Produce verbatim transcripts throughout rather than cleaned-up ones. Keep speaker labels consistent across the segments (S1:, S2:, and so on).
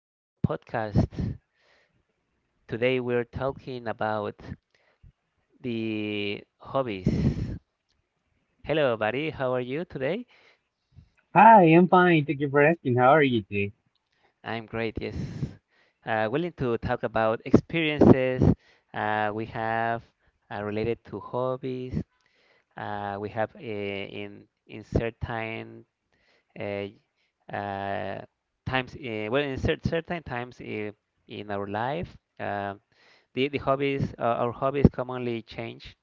S1: podcast. Today we're talking about the hobbies. Hello, buddy. How are you today?
S2: Hi, I'm fine. Thank you for asking. How are you today?
S1: I'm great, yes. Uh, willing to talk about experiences, uh, we have, uh, related to hobbies. Uh, we have, uh, in in certain, uh, uh, times, uh, well, in cer certain times, uh, in our life. um the, the hobbies, uh, our hobbies commonly change,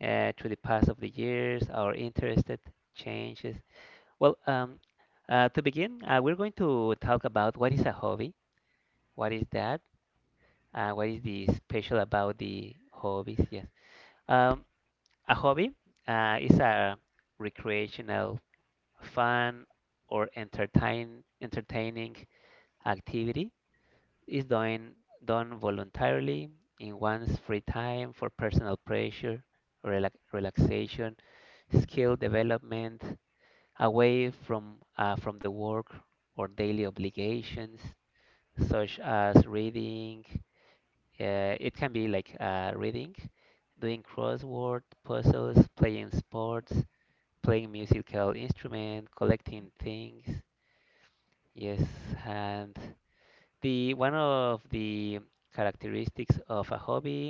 S1: uh, through the pass of the years our interested changes. Well, um, uh, to begin, uh, we're going to talk about what is a hobby, what is that, uh, what is the special about the hobbies, yes. um, a hobby, uh, is a recreational, fun or entertain entertaining activity. Is done, done voluntarily in one's free time for personal pressure, relax, relaxation, skill development, away from, uh, from the work or daily obligations, such as reading. Uh, it can be like, uh, reading, doing crossword puzzles, playing sports, playing musical instrument, collecting things. Yes, and the one of the characteristics of a hobby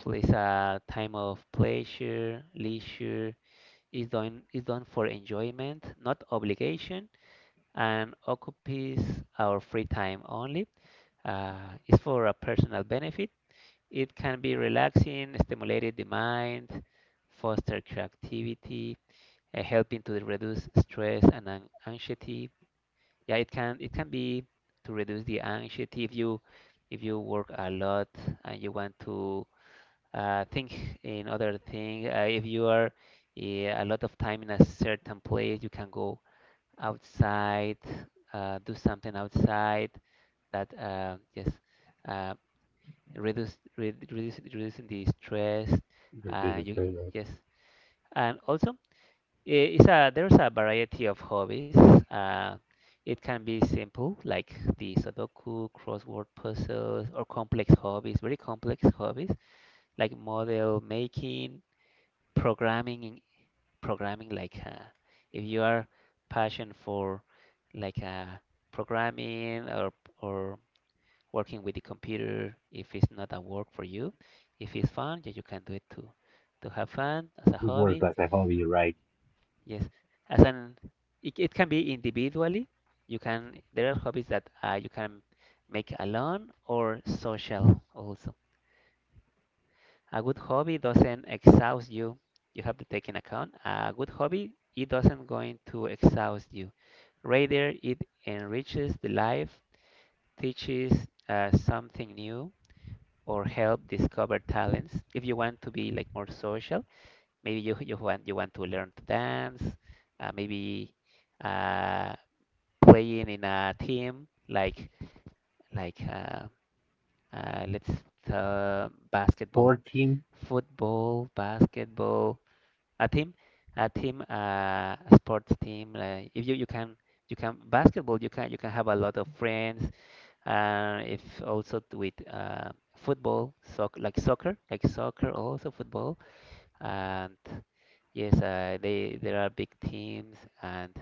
S1: is a time of pleasure, leisure, is done is done for enjoyment, not obligation, and occupies our free time only. Uh, is for a personal benefit. It can be relaxing, stimulated the mind, foster creativity, uh, helping to reduce stress and an- anxiety. Yeah, it can it can be to reduce the anxiety if you if you work a lot and you want to, uh, think in other thing. Uh, if you are, yeah, a lot of time in a certain place you can go outside, uh, do something outside that, uh, yes, uh, reduce, re- reduce reducing the stress.
S2: But this
S1: Uh,
S2: is
S1: you,
S2: great, right?
S1: yes, and also I- It's a, there's a variety of hobbies. Uh, it can be simple, like the Sudoku, crossword puzzles, or complex hobbies, very complex hobbies, like model making, programming, in- programming, like, uh, if you are passionate for, like, uh, programming or or working with the computer. If it's not a work for you, if it's fun, yeah, you can do it to to have fun as a
S2: It works
S1: hobby.
S2: like I hope you're right.
S1: Yes, as an it, it can be individually. You can There are hobbies that, uh, you can make alone or social also. A good hobby doesn't exhaust you. You have to take in account a good hobby. It doesn't going to exhaust you. Rather, it enriches the life, teaches, uh, something new, or help discover talents. If you want to be like more social, maybe you you want you want to learn to dance. Uh, maybe, uh, playing in a team, like like, uh, uh, let's, uh, basketball,
S2: fourteen,
S1: football, basketball, a team, a team, uh, a sports team. Uh, if you you can you can basketball, you can you can have a lot of friends. Uh, if also t- with, uh, football, soc like soccer, like soccer, also football, and yes, uh, they there are big teams. And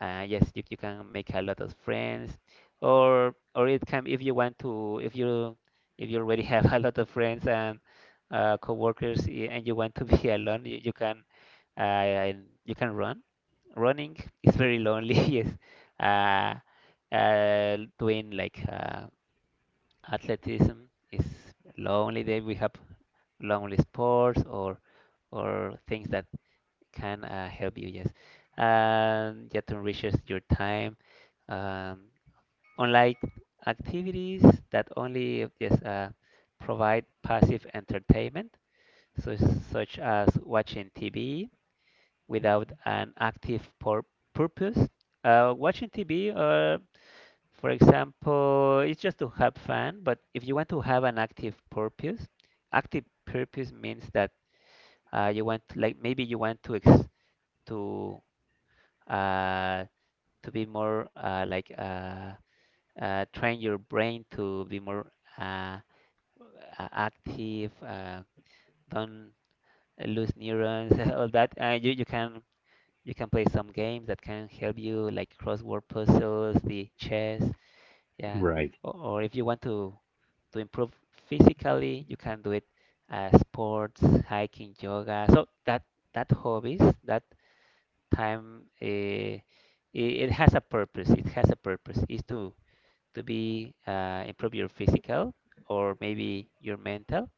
S1: Uh, yes, you, you can make a lot of friends, or or it can, if you want to, if you if you already have a lot of friends and, uh, coworkers, y- and you want to be alone, you, you can, uh, you can run. Running is very lonely. Yes, uh, uh, doing, like, uh, athleticism is lonely. Then we have lonely sports, or or things that can, uh, help you. Yes, and yet enriches your time. Um, Unlike activities that only, yes, uh, provide passive entertainment, so such as watching T V without an active pur- purpose. Uh, watching T V, uh, for example, it's just to have fun. But if you want to have an active purpose, active purpose means that, uh, you want, like, maybe you want to, ex to uh, to be more, uh, like, uh, uh, train your brain to be more, uh, uh, active. Uh, don't lose neurons, all that. Uh, you you can you can play some games that can help you, like crossword puzzles, the chess, yeah.
S2: right.
S1: Or, or if you want to to improve physically, you can do it, uh, sports, hiking, yoga. So that that hobbies, that time, uh, it, has a purpose. It has a purpose. Is to to be, uh, improve your physical, or maybe your mental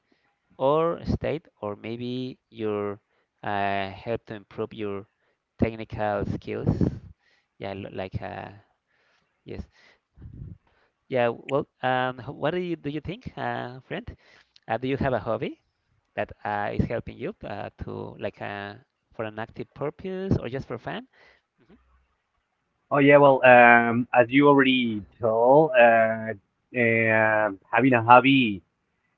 S1: or state, or maybe your, uh, help to improve your technical skills. Yeah, l- like, uh, yes, yeah. Well, um, h- what do you do you think, uh, friend? Uh, do you have a hobby that, uh, is helping you, uh, to, like, uh, for an active purpose or just for fun? Hmm.
S2: Oh yeah, well, um, as you already told, uh, uh, having a hobby,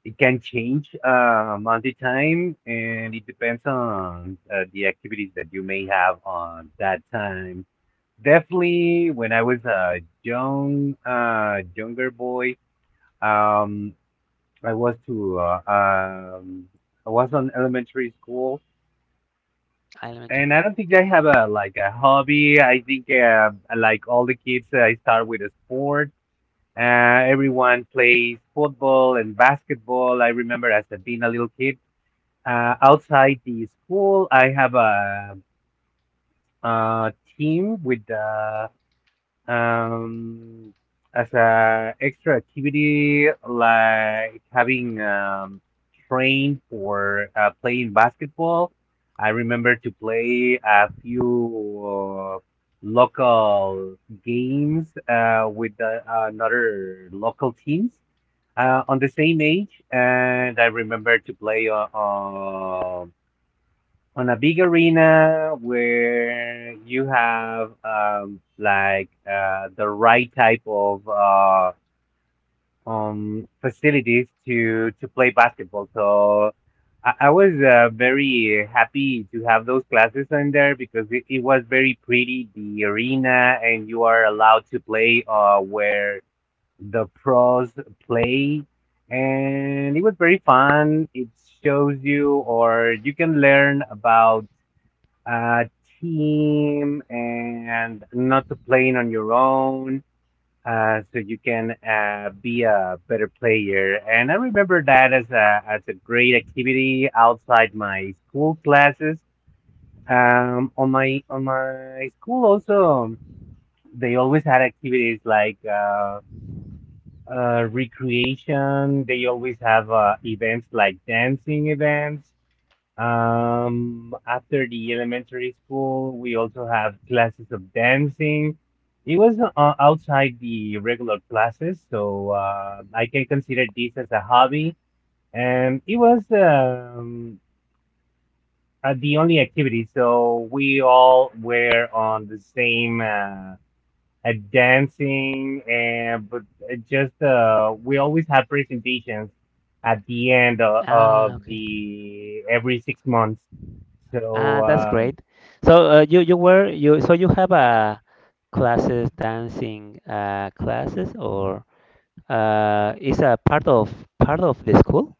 S2: it can change uh, month to time, and it depends on uh, the activities that you may have on that time. Definitely, when I was a young, uh, younger boy, um, I was to uh, um I was on elementary school, and
S1: Elementary.
S2: I don't think I have a like a hobby. I think uh, like all the kids I start with a sport. Uh, Everyone plays football and basketball. I remember as a, being a little kid, uh, outside the school I have a, uh team with, uh, um, as a extra activity, like having, um, trained for uh, playing basketball. I remember to play a few uh, local games uh, with the, another local teams uh, on the same age, and I remember to play uh, uh, on a big arena where you have, um, like uh, the right type of, uh, um, facilities to to play basketball. So I, I was uh, very happy to have those classes on there because it, it was very pretty the arena, and you are allowed to play uh, where the pros play. And it was very fun. It shows you, or you can learn about a team and not to playing on your own, uh, so you can uh, be a better player. And I remember that as a, as a great activity outside my school classes. Um, on my on my school also, they always had activities like uh, uh, recreation. They always have uh, events like dancing events. Um, after the elementary school, we also have classes of dancing. It was uh, outside the regular classes, so uh, I can consider this as a hobby. And it was, um, uh, the only activity, so we all were on the same uh, at dancing, and but it just, uh we always had presentations at the end of, of
S1: Ah, okay.
S2: the every six months. So
S1: Ah, that's
S2: um
S1: great. So, uh, you you were you, so you have a classes dancing, uh, classes, or, uh, is a part of, part of the school,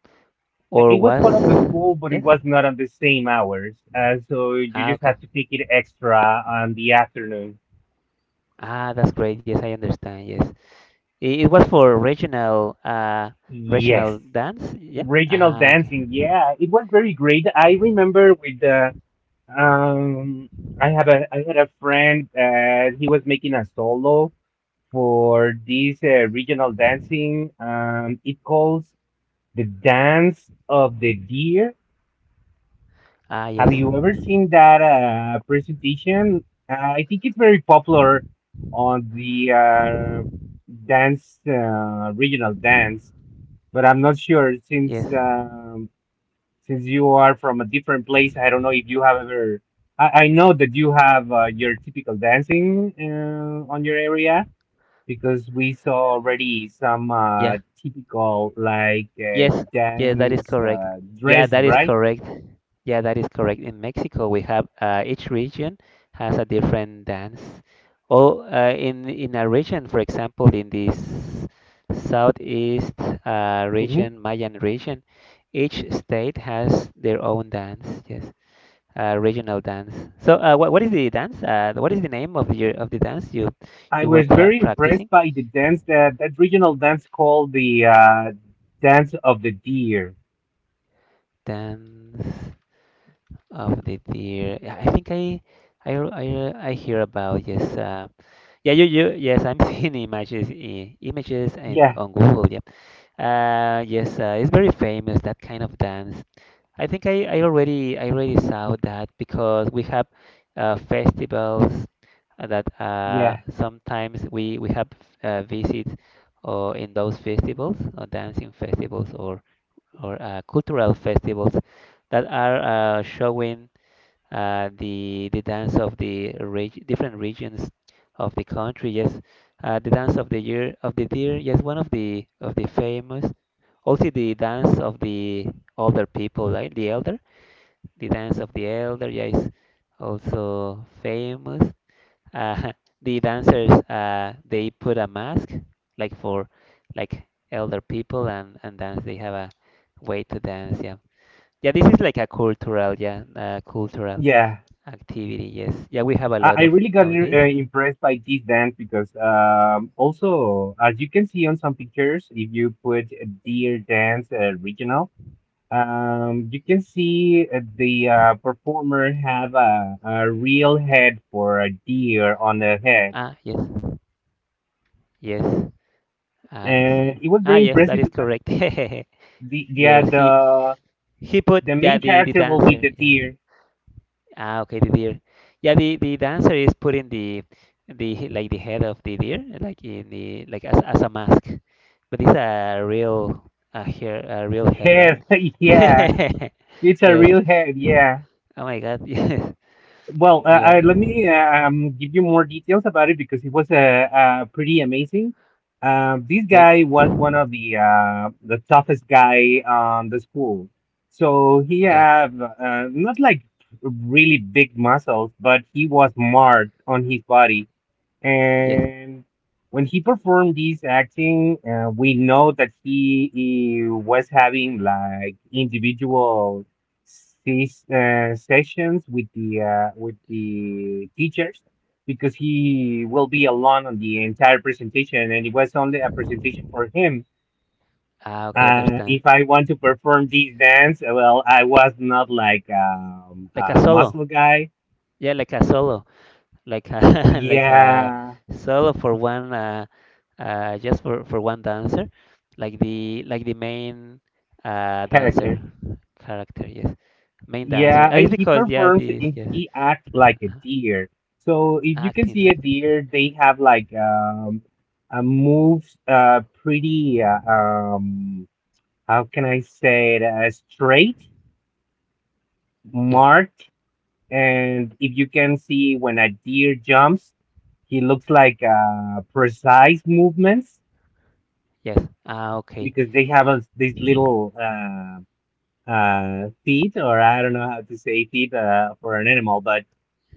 S2: i-
S1: or
S2: it was
S1: was,
S2: part of the school, but it
S1: yes?
S2: was not on the same hours, uh, so you
S1: Ah,
S2: just
S1: okay.
S2: have to take it extra on the afternoon.
S1: Ah, that's great. Yes, I understand. Yes, it, it was for regional, uh
S2: Yes.
S1: regional dance. Yeah.
S2: Regional
S1: Ah, okay.
S2: dancing, yeah, it was very great. I remember with the, um i have a i had a friend, uh he was making a solo for this uh, regional dancing. Um, it calls the dance of the deer.
S1: Ah,
S2: Have
S1: yes.
S2: you ever seen that uh, presentation? Uh, I think it's very popular on the uh, dance, uh, regional dance, but I'm not sure since
S1: Yes.
S2: um, since you are from a different place. I don't know if you have ever. I, I know that you have uh, your typical dancing uh, on your area, because we saw already some uh,
S1: Yeah.
S2: typical like uh,
S1: Yes, yes, that is
S2: dance
S1: correct.
S2: uh,
S1: Yeah,
S2: dress,
S1: that is
S2: right?
S1: correct. Yeah, that is correct. In Mexico, we have, uh, each region has a different dance. Oh, uh, in in a region, for example, in this southeast, uh,
S2: Hmm.
S1: region, Mayan region, each state has their own dance. Yes, uh, regional dance. So, uh, what what is the dance? Uh, what is the name of your, of the dance you
S2: I
S1: you were
S2: was
S1: pra
S2: very impressed
S1: practicing?
S2: by the dance that that regional dance called the, uh, dance of the deer.
S1: Dance of the deer. I I think I I I, I hear about, yes. Uh, yeah, you you, yes. I'm seeing images, i- images and
S2: Yeah,
S1: on Google. Yeah. Uh, yes. Uh, it's very famous that kind of dance. I think I, I already I already saw that because we have, uh, festivals, uh, that, uh,
S2: yeah,
S1: sometimes we we have, uh, visits, or in those festivals, or dancing festivals, or or uh, cultural festivals that are, uh, showing, uh, the the dance of the, reg- different regions of the country. Yes, uh, the dance of the year of the deer. Yes, one of the, of the famous. Also the dance of the older people, right? The elder, the dance of the elder. Yeah, is also famous. Uh, the dancers, uh, they put a mask, like for, like, elder people, and and dance. They have a way to dance. Yeah, yeah. This is like a cultural, yeah, uh, cultural
S2: yeah.
S1: activity, yes. Yeah, we have a
S2: I,
S1: lot
S2: I
S1: of,
S2: really got
S1: of this.
S2: uh, impressed by this dance because, um, also, as you can see on some pictures, if you put a deer dance uh, regional. Um, you can see uh, the uh, performer have a, a real head for a deer on the head,
S1: Ah, yes. Yes.
S2: and it
S1: Alexim.
S2: was
S1: Ah,
S2: very
S1: yes, that
S2: impressive
S1: is
S2: because
S1: correct.
S2: the yeah
S1: Yes, he
S2: the
S1: he put,
S2: the
S1: yeah,
S2: main
S1: the the
S2: character will be
S1: dancer,
S2: the
S1: yeah.
S2: deer.
S1: Ah, okay, the deer, yeah. The the dancer is putting the, the like, the head of the deer, like in the, like, as as a mask, but it's a real, a hair, a real head, right?
S2: Yes, yeah, it's a
S1: Yes.
S2: real head.
S1: Oh
S2: Yeah.
S1: my God. Yes.
S2: Well, uh,
S1: Yeah.
S2: uh, let me, uh, um, give you more details about it because it was, uh, uh, pretty amazing. Um, this
S1: With,
S2: guy was one of the, uh, the toughest guy on the school. So he
S1: yeah.
S2: have, uh, not like really big muscles, but he was marked on his body.
S1: Yes.
S2: And when he performed this acting, uh, we know that he, he was having like individual, ses- uh, sessions with the uh, with the teachers, because he will be alone on the entire presentation, and it was only a presentation for him.
S1: Ah, okay,
S2: Uh,
S1: understand.
S2: if I want to perform this dance, uh, well, I was not like, um,
S1: Like a
S2: a
S1: solo.
S2: muscle guy.
S1: Yeah, like a solo, like a like a
S2: Yeah,
S1: solo for one, uh, uh just for for one dancer, like the, like the main, uh dancer
S2: character.
S1: character. Yes, main dancer.
S2: Yeah,
S1: Ah,
S2: and
S1: it's
S2: he
S1: because, yeah,
S2: performs
S1: this,
S2: and
S1: yes,
S2: he acts like a
S1: uh,
S2: deer. So if you can
S1: acting
S2: see a
S1: like that.
S2: deer, they have like, um uh, moves, uh pretty uh, um how can I say it, uh, straight,
S1: Yeah,
S2: marked, and if you can see when a deer jumps, he looks like uh precise movements
S1: yes. Ah, okay.
S2: because they have a, these little, uh uh feet, or I don't know how to say feet uh for an animal, but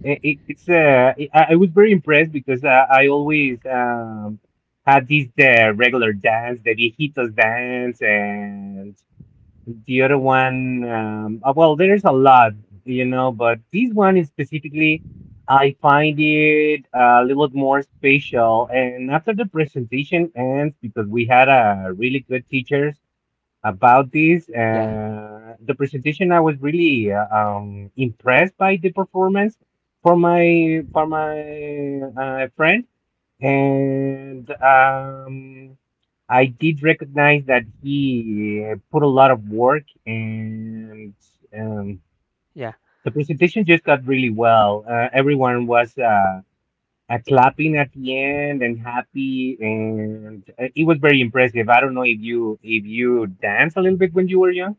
S2: I- i- it's, uh, I I was very impressed because, uh, I always, um, had this uh, regular dance, the viejitos dance, and the other one. Um, uh, well, there's a lot, you know, but this one is specifically, I find it a little more special. And after the presentation ends, because we had a really good teachers, about this.
S1: Yeah,
S2: Uh, the presentation, I was really, uh, um, impressed by the performance for my for my uh, friend, and, um, I did recognize that he uh, put a lot of work, and, um,
S1: yeah.
S2: the presentation just got really well. Uh, everyone was, Uh, uh, clapping at the end and happy, and uh, it was very impressive. I don't know if you if you danced a little bit when you were young.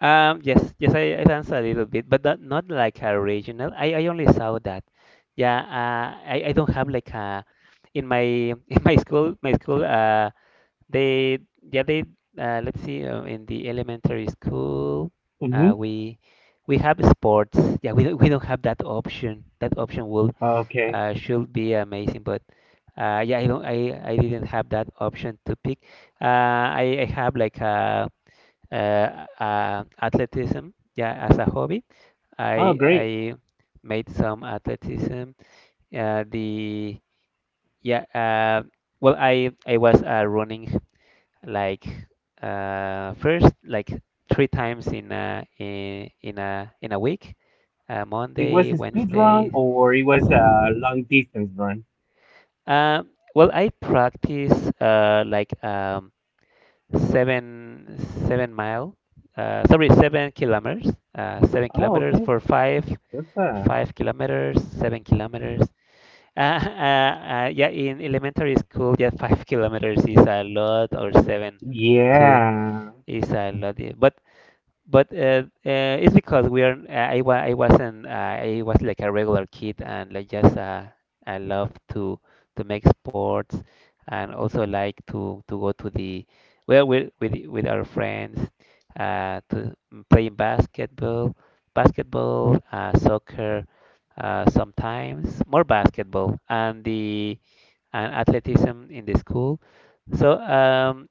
S1: Um, yes, yes, I, I danced a little bit, but not, not like a regional. I, I only saw that. Yeah, uh, I, I don't have like a, in my in my school my school, uh they, yeah, they, uh, let's see, uh, in the elementary school,
S2: Mm-hmm.
S1: uh, we we have sports. Yeah, we don't, we don't have that option. That option will,
S2: Okay.
S1: uh, should be amazing, but, uh, yeah, I don't I, I didn't have that option to pick. Uh, I, I have like a, uh, uh, athleticism. Yeah, as a hobby,
S2: Oh,
S1: I
S2: great.
S1: I made some athleticism. Uh, the yeah, uh, well, I I was, uh, running, like, uh, first, like, three times in a, in in a in a week, uh,
S2: It was
S1: Monday,
S2: a speed run
S1: Wednesday.
S2: or it was a long distance run?
S1: Um, well, I practice, uh, like, um, seven seven mile, uh, sorry, seven kilometers, uh, seven
S2: Oh,
S1: kilometers
S2: okay.
S1: for five
S2: That's uh
S1: five kilometers, seven kilometers. Uh, uh, uh, yeah, in elementary school, yeah, five kilometers is a lot, or seven two
S2: Yeah,
S1: is a lot. Yeah. But but uh, uh, it's because we are uh, I, wa I wasn't uh, I was like a regular kid and like just uh, I love to to make sports, and also like to to go to the, well, with with with our friends, uh, to playing basketball, basketball uh, soccer, uh, sometimes more basketball, and the and athleticism in the school. so um,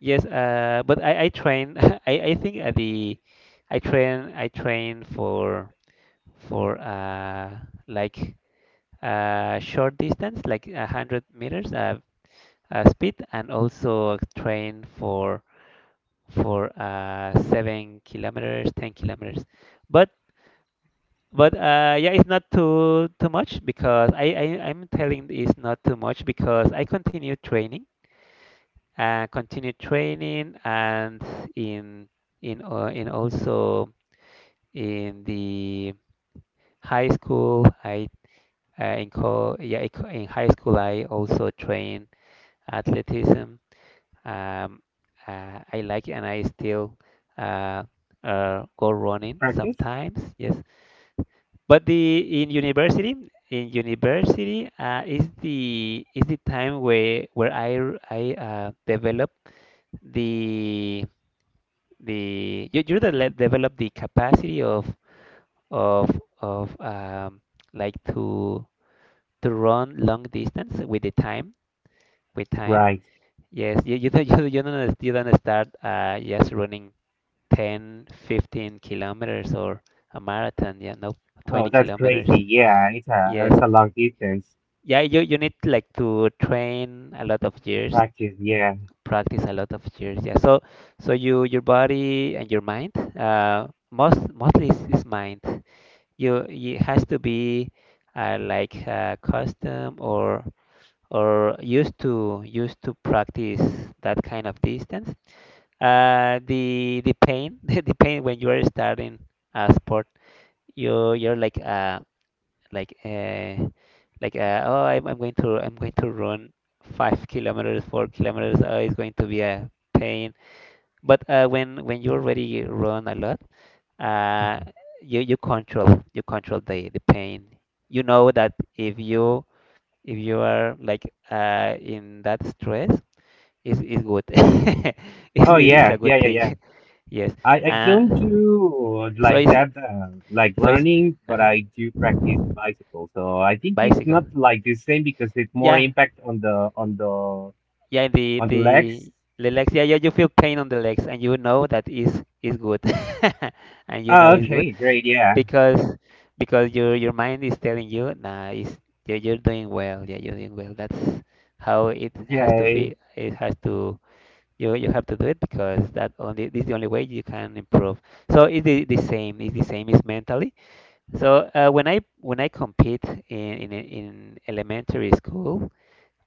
S1: Yes, uh, but I I train. I I think at the I train I train for for uh like uh short distance, like a hundred meters, uh, uh speed, and also train for for uh seven kilometers, ten kilometers. But but uh yeah, it's not too too much, because I I I'm telling it's not too much because I continue training, uh, continue training. And in in uh, in also in the high school I, uh, in co yeah, in high school I also train athleticism. um uh, I like it, and I still uh, uh go running
S2: practice?
S1: sometimes, yes. But the in university, in university uh, is the, is the time where where I r- I uh, develop the the you- you're develop the capacity of of of um, like to to run long distance with the time, with time.
S2: Right.
S1: Yes, you you don't you, you don't, you don't start uh, just running ten fifteen kilometers or a marathon. Yeah, no, twenty
S2: Oh, that's
S1: kilometers.
S2: crazy. Yeah, it's a
S1: Yes,
S2: it's a long distance
S1: yeah, you you need like to train a lot of years,
S2: practice. Yeah.
S1: practice a lot of years. Yeah, so so you your body and your mind. Uh, most mostly is is mind. You, it has to be uh, like uh, custom, or or used to, used to practice that kind of distance. Uh, the the pain, the pain when you are starting a sport, you, you're like uh like uh like uh, oh, I'm, I'm going to, I'm going to run five kilometers, four kilometers, oh, it's going to be a pain. But uh, when when you already run a lot, uh,
S2: Mhm.
S1: you, you control, you control the the pain. You know that if you, if you are like, uh, in that stress, it's, it's good. it's,
S2: Oh
S1: it's a
S2: yeah,
S1: good
S2: yeah, yeah, yeah.
S1: thing. Yes.
S2: I I
S1: Uh,
S2: don't do
S1: so
S2: like
S1: it's
S2: that uh, like
S1: so it's
S2: running, but
S1: uh
S2: I do practice bicycle. So I think it's not
S1: Bicycle.
S2: like the same because it's more
S1: Yeah,
S2: impact on the on the
S1: yeah. The
S2: on the
S1: the
S2: legs.
S1: the legs. Yeah, yeah. You feel pain on the legs, and you know that is is good. And you know
S2: Oh,
S1: it's good,
S2: okay, great. Yeah.
S1: because because your your mind is telling you, nah, it's, you're, you're doing well. Yeah, you're doing well. That's how it has to
S2: Yeah.
S1: feel. It has to, you you have to do it, because that only this is the only way you can improve. So it's the, the same. It's the same. Is mentally. So uh, when I, when I compete in, in, in elementary school,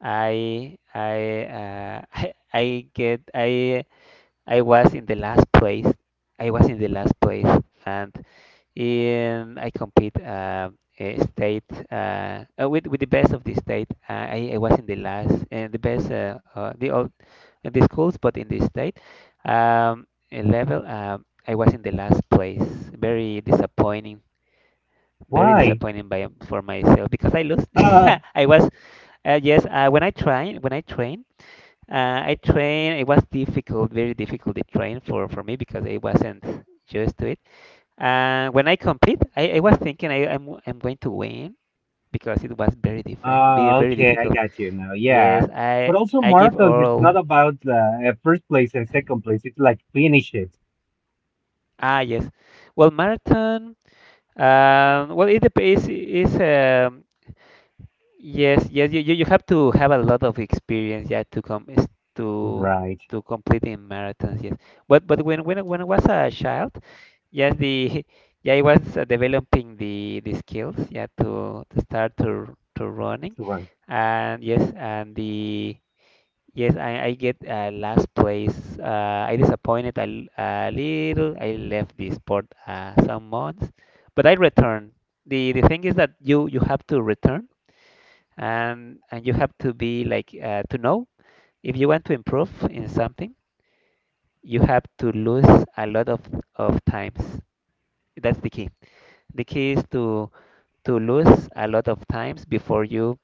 S1: I I, uh, I I get I I was in the last place. I was in the last place, and and I compete uh, eh, state, uh, uh, with with the best of the state. Uh, I, I was in the last, and the best, uh, uh, the old in the schools. But in the state um, eh, level, um I was in the last place. Very disappointing. Very
S2: Why?
S1: disappointing by for myself, because I lost.
S2: Ah.
S1: I was uh, yes. Uh, when I train, when I train, uh, I train. It was difficult, very difficult to train for for me, because I wasn't used to it. And when I compete, I, I was thinking, I, I'm, I'm going to win, because it was very different, very,
S2: Ah,
S1: very
S2: okay, I
S1: difficult.
S2: got you now. Yeah.
S1: Yes,
S2: But
S1: I
S2: also
S1: I give
S2: marathons, it's not
S1: all.
S2: about, uh, uh, first place and second place. It's like finish it.
S1: Ah, yes. Well, marathon. Um, well, it depends. Is um, Yes, yes, you, you you have to have a lot of experience, yeah, to come, is to
S2: Right.
S1: to completing marathons, yes. But but when when I- when I was a child, yes, the yeah, I was uh, developing the the skills, yeah, to to start to to running,
S2: Right.
S1: and yes, and the, yes, I I get uh, last place. Uh, I disappointed a, l- a little. I left the sport uh, some months, but I returned. The the thing is that you you have to return, and and you have to be like, uh, to know, if you want to improve in something, you have to lose a lot of of times. That's the key. The key is to to lose a lot of times before you,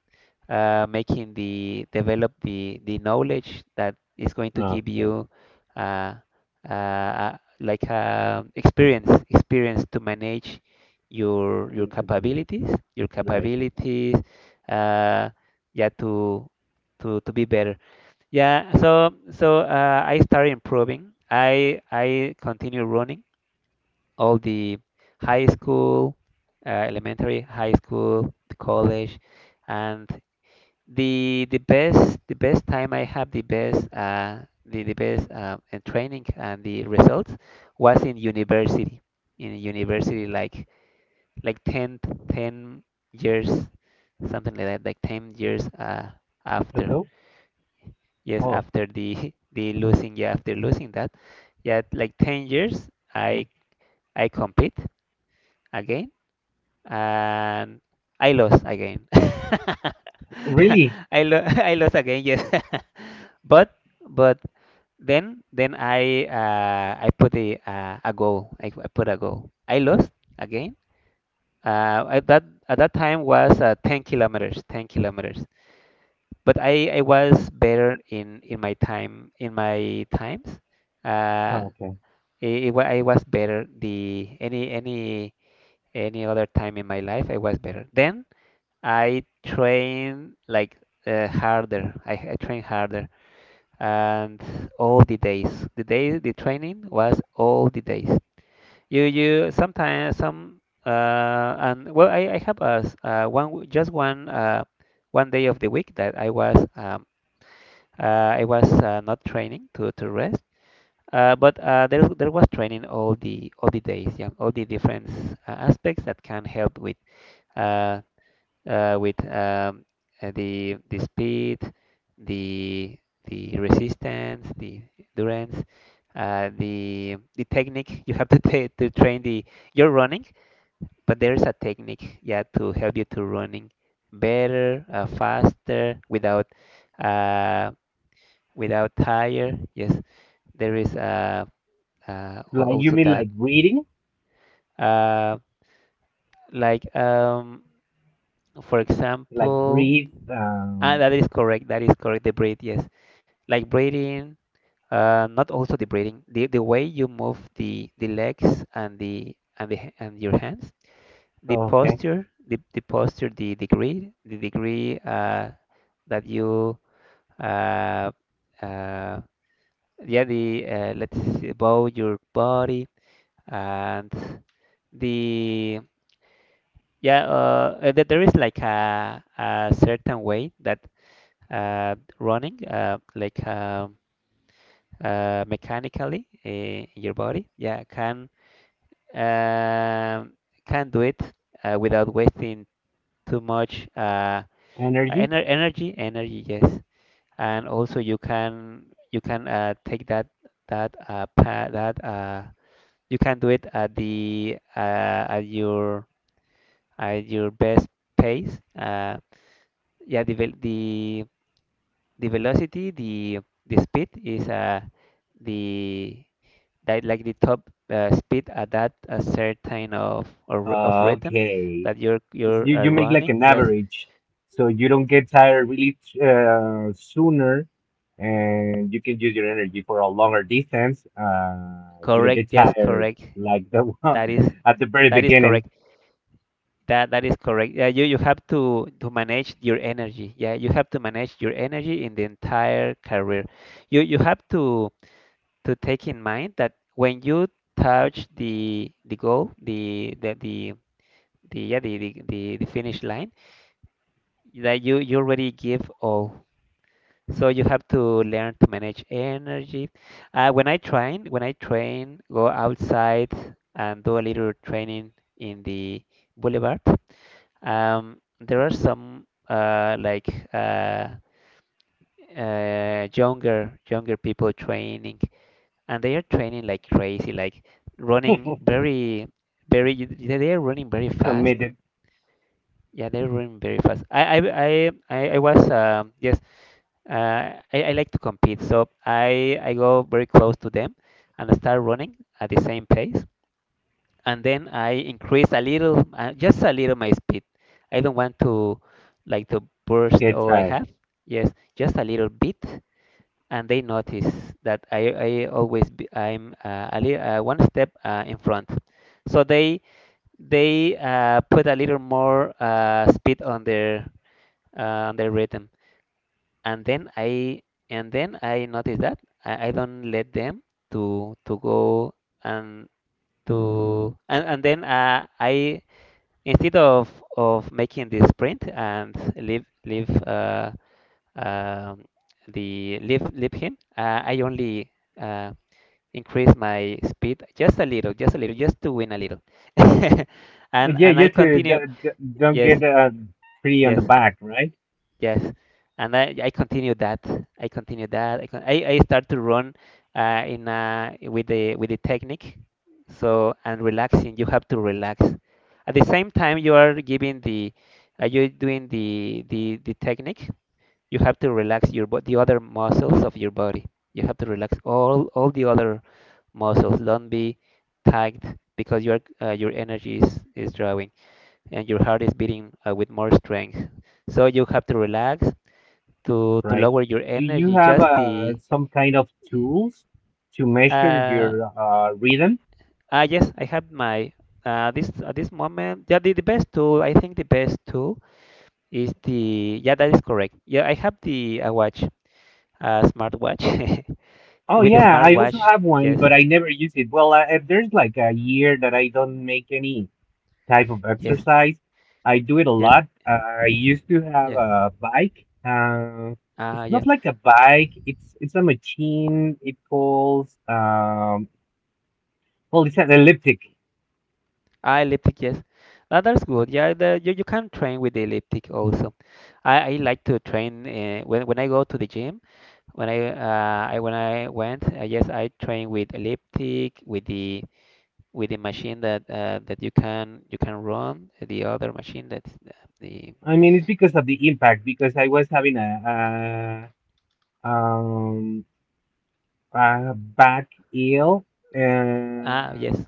S1: uh, making the develop the the knowledge that is going to give
S2: Okay.
S1: you, uh, uh, uh, like a experience, experience to manage your your
S2: Mhm.
S1: capabilities, your
S2: Right.
S1: capabilities, uh, yeah, to to to be better. Yeah, so so uh, I started improving, I I continue running all the high school, uh, elementary, high school, the college, and the the best, the best time I have, the best uh, the the best um, and training and the results was in university. In university like like ten, ten years, something like that, like ten years uh,
S2: So
S1: after,
S2: go.
S1: yes,
S2: Oh,
S1: after the the losing, yeah, after losing that, yeah, like ten years, I I compete again. And I lost again.
S2: really?
S1: I lo I lost again, yes. But but then then I, uh, I put a, uh, a goal. I, I put a goal. I lost again. Uh, at that, at that time was uh, ten kilometers, ten kilometers. But I, I was better in, in my time, in my times. Uh,
S2: Okay.
S1: it, it, wa- I was better, the any, any any other time in my life. I was better then. I train like uh, harder. I, I train harder, and all the days. The day, the training was all the days. You you sometimes some uh and, well, I, I have a s- uh, one, just one uh one day of the week that I was um uh, I was uh, not training, to to rest. Uh, but uh, there, there was training all the, all the days, yeah, all the different uh, aspects that can help with, uh, uh, with um, uh, the the speed, the the resistance, the endurance, uh, the the technique. You have to ta, to train the, your running, but there is a technique, yeah, to help you to running better, uh, faster, without uh, without tire. Yes, there is uh, uh, al-
S2: Like you
S1: also
S2: mean
S1: that.
S2: like breathing?
S1: Uh, like um, for
S2: Like
S1: example.
S2: breathe.
S1: And
S2: Um.
S1: that is correct. That is correct. The braid, yes. Like breathing. uh, not also the breathing. The the way you move the the legs, and the and the h- and your hands, the
S2: Okay.
S1: posture, the, the posture, the degree, the degree uh, that you, uh, uh, yeah, the uh, let's see, bow your body and the, yeah, uh, uh, there, there is like a, a certain way that uh, running, uh, like. Um, uh, mechanically, eh, in your body, yeah, can um, can do it uh, without wasting too much uh,
S2: Energy.
S1: ener energy. Energy, yes. And also you can, you can uh, take that, that uh, pa that uh, you can do it at the, uh, at your, at your best pace. Uh, yeah, the vel- the the velocity, the the speed is uh, the that like the top uh, speed at that, a certain of, or, of rhythm
S2: Okay.
S1: that you're
S2: It's,
S1: you're
S2: you
S1: uh,
S2: you make like
S1: running.
S2: an
S1: Yes,
S2: average, so you don't get tired really uh, sooner, and you can use your energy for a longer distance. Uh, you don't
S1: correct.
S2: get
S1: Yes,
S2: tired
S1: correct.
S2: like the one
S1: That is,
S2: at the very
S1: that is
S2: beginning.
S1: correct. That, that is correct. Yeah, you you have to to manage your energy. Yeah, you have to manage your energy in the entire career. You you have to to take in mind that when you touch the the goal, the the the the yeah, the the, the, the finish line, that you you already give all. So you have to learn to manage energy. Uh, when I train, when I train, go outside and do a little training in the boulevard. Um, there are some uh, like uh, uh, younger, younger people training, and they are training like crazy, like running very, very. They they are running very fast.
S2: Committed,
S1: Yeah, they're running very fast. I I I I I was um yes. Uh, I, I like to compete, so I I go very close to them, and I start running at the same pace. And then I increase a little, uh, just a little, my speed. I don't want to, like to burst
S2: get
S1: all I
S2: tired.
S1: have. Yes, just a little bit. And they notice that I I always be, I'm uh, a li uh, one step uh, in front. So they they uh, put a little more uh, speed on their, uh, on their rhythm. And then I, and then I noticed that I, I don't let them to to go, and to and, and then uh, I, instead of of making the sprint and leave leave uh, um, the leave leave him, uh, I only, uh, increase my speed just a little, just a little, just to win a little. and
S2: Yeah,
S1: and I
S2: just, uh,
S1: continue,
S2: d- d- don't
S1: yes,
S2: get uh, free on the
S1: yes.
S2: back, right?
S1: Yes, and I, I continued that. I continued that. I, con- I, I start to run uh, in uh, with the, with the technique. So and relaxing, you have to relax. At the same time, you are giving the, uh, you're doing the the the technique. You have to relax your bo- the other muscles of your body. You have to relax all all the other muscles. Don't be tight, because your uh, your energy is is drawing, and your heart is beating uh, with more strength. So you have to relax to to
S2: Right.
S1: lower your
S2: Do you
S1: energy
S2: have
S1: just
S2: uh,
S1: the
S2: some kind of tools to measure
S1: uh
S2: your uh, rhythm?
S1: ah yes, I have my uh this at this moment. Yeah, the, the best tool, I think the best tool is the yeah, that is correct. Yeah, I have the uh, watch, uh smartwatch.
S2: Oh
S1: With the
S2: yeah, I also
S1: smartwatch,
S2: have one,
S1: yes.
S2: but I never use it. Well, I, I- there's like a year that I don't make any type of
S1: Yes,
S2: exercise. I do it a
S1: yes,
S2: lot. Uh, I used to have
S1: yeah.
S2: a bike. Uh,
S1: Ah,
S2: it's
S1: yeah.
S2: not like a bike. It's it's a machine. It calls, um well, it's an elliptic.
S1: Ah, elliptic, yes. Ah, that's good. Yeah, the, you, you can train with the elliptic also. I i like to train, uh, when when I go to the gym. When I uh, I when I went, uh, yes, I trained with elliptic, with the... with the machine that, uh, that you can you can run, uh, the other machine that the, the
S2: I mean, it's because of the impact because I was having a, a um a back ill,
S1: ah,
S2: and
S1: yes.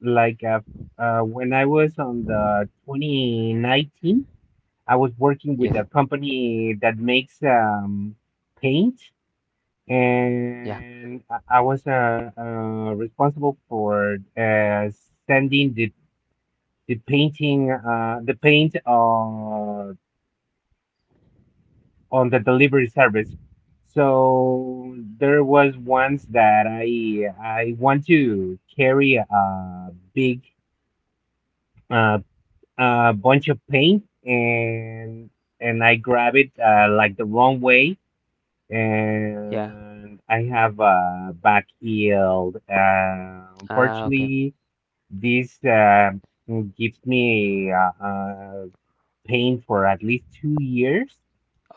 S2: like, uh, uh, when I was on the twenty nineteen, I was working with
S1: Yes.
S2: a company that makes, um, paint,
S1: Yeah.
S2: and I I was, uh, uh, responsible for uh, sending the the painting uh, the paint uh, on the delivery service. So there was once that I I want to carry a big uh, a bunch of paint, and and I grab it uh, like the wrong way,
S1: Yeah.
S2: and I have a back yield. Uh,
S1: Ah, okay.
S2: unfortunately, this uh, gives me, uh, uh, pain for at least two years.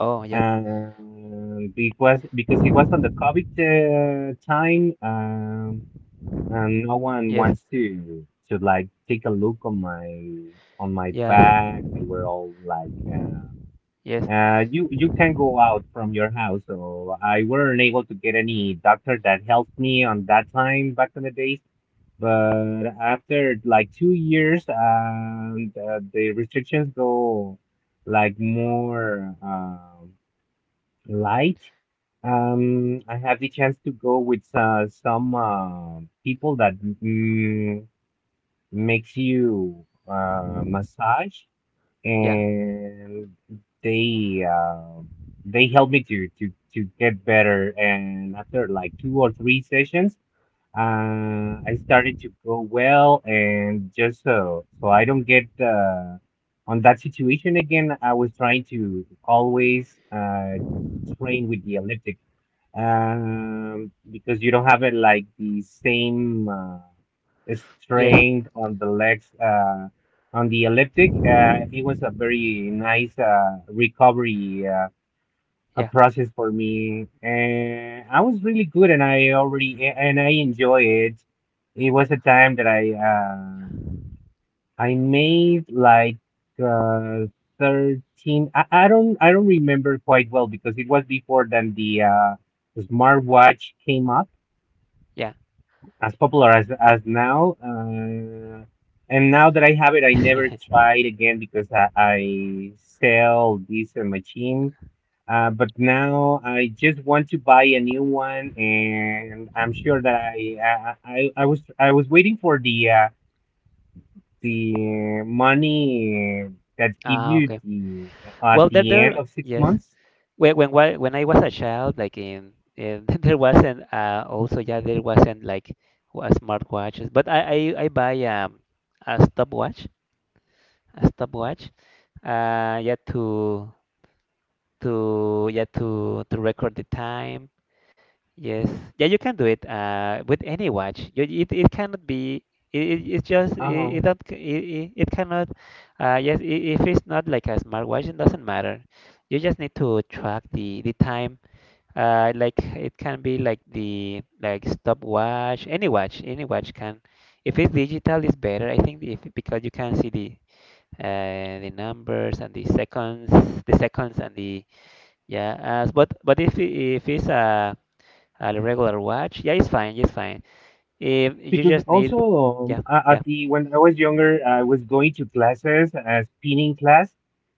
S1: Oh, yeah.
S2: And because because it was on the COVID uh, time, um, and no one
S1: Yes.
S2: wants to to like take a look on my on my
S1: Yes,
S2: bag. They were all like, uh,
S1: yes.
S2: uh, "You you can go out from your house." So I weren't able to get any doctor that helped me on that time back in the days. But after like two years, and uh, the restrictions go like more. Uh, Light. Um, I have the chance to go with uh, some uh, people that, mm, makes you uh, massage,
S1: Yeah.
S2: and they uh, they help me to to to get better. And after like two or three sessions, uh, I started to go well, and just so so I don't get uh, on that situation again. I was trying to always uh, train with the elliptic, um, because you don't have it like the same uh,
S1: Yes.
S2: strength on the legs uh, on the elliptic. Uh, it was a very nice uh, recovery, uh, a
S1: Yeah,
S2: process for me, and I was really good, and I already and I enjoy it. It was a time that i uh i made like uh thirteen. I, I don't i don't remember quite well because it was before then the uh smartwatch came up
S1: yeah.
S2: as popular as as now. Uh and now that I have it, I never tried again because i, I sell this uh, machine. Uh, but now I just want to buy a new one, and I'm sure that I I, I, I was I was waiting for the, uh, the money, that give
S1: Ah,
S2: you
S1: okay.
S2: the, uh, at
S1: Well, there
S2: the end
S1: there
S2: of six
S1: yes.
S2: months.
S1: When when wa- when I was a child, like in, in there wasn't, uh, also, yeah, there wasn't like wa- smartwatches, but I I, I buy um, a stopwatch, a stopwatch, uh yeah, to to yeah, to to record the time. Yes, yeah, you can do it uh with any watch. You, it it cannot be... it, it it's just it, it
S2: Oh,
S1: don't c- it, it it cannot... uh yes. I... If it's not like a smartwatch, it doesn't matter. You just need to track the the time, uh, like it can be like the... like stopwatch, any watch, any watch can. If it's digital, it's better, I think, if... because you can see the, uh, the numbers and the seconds, the seconds and the Yeah. As... but but if it- if it's a a regular watch, yeah, it's fine, it's fine. If you
S2: because
S1: just need...
S2: also, um,
S1: yeah,
S2: a-
S1: yeah,
S2: at the when I was younger, I was going to classes, uh, spinning class,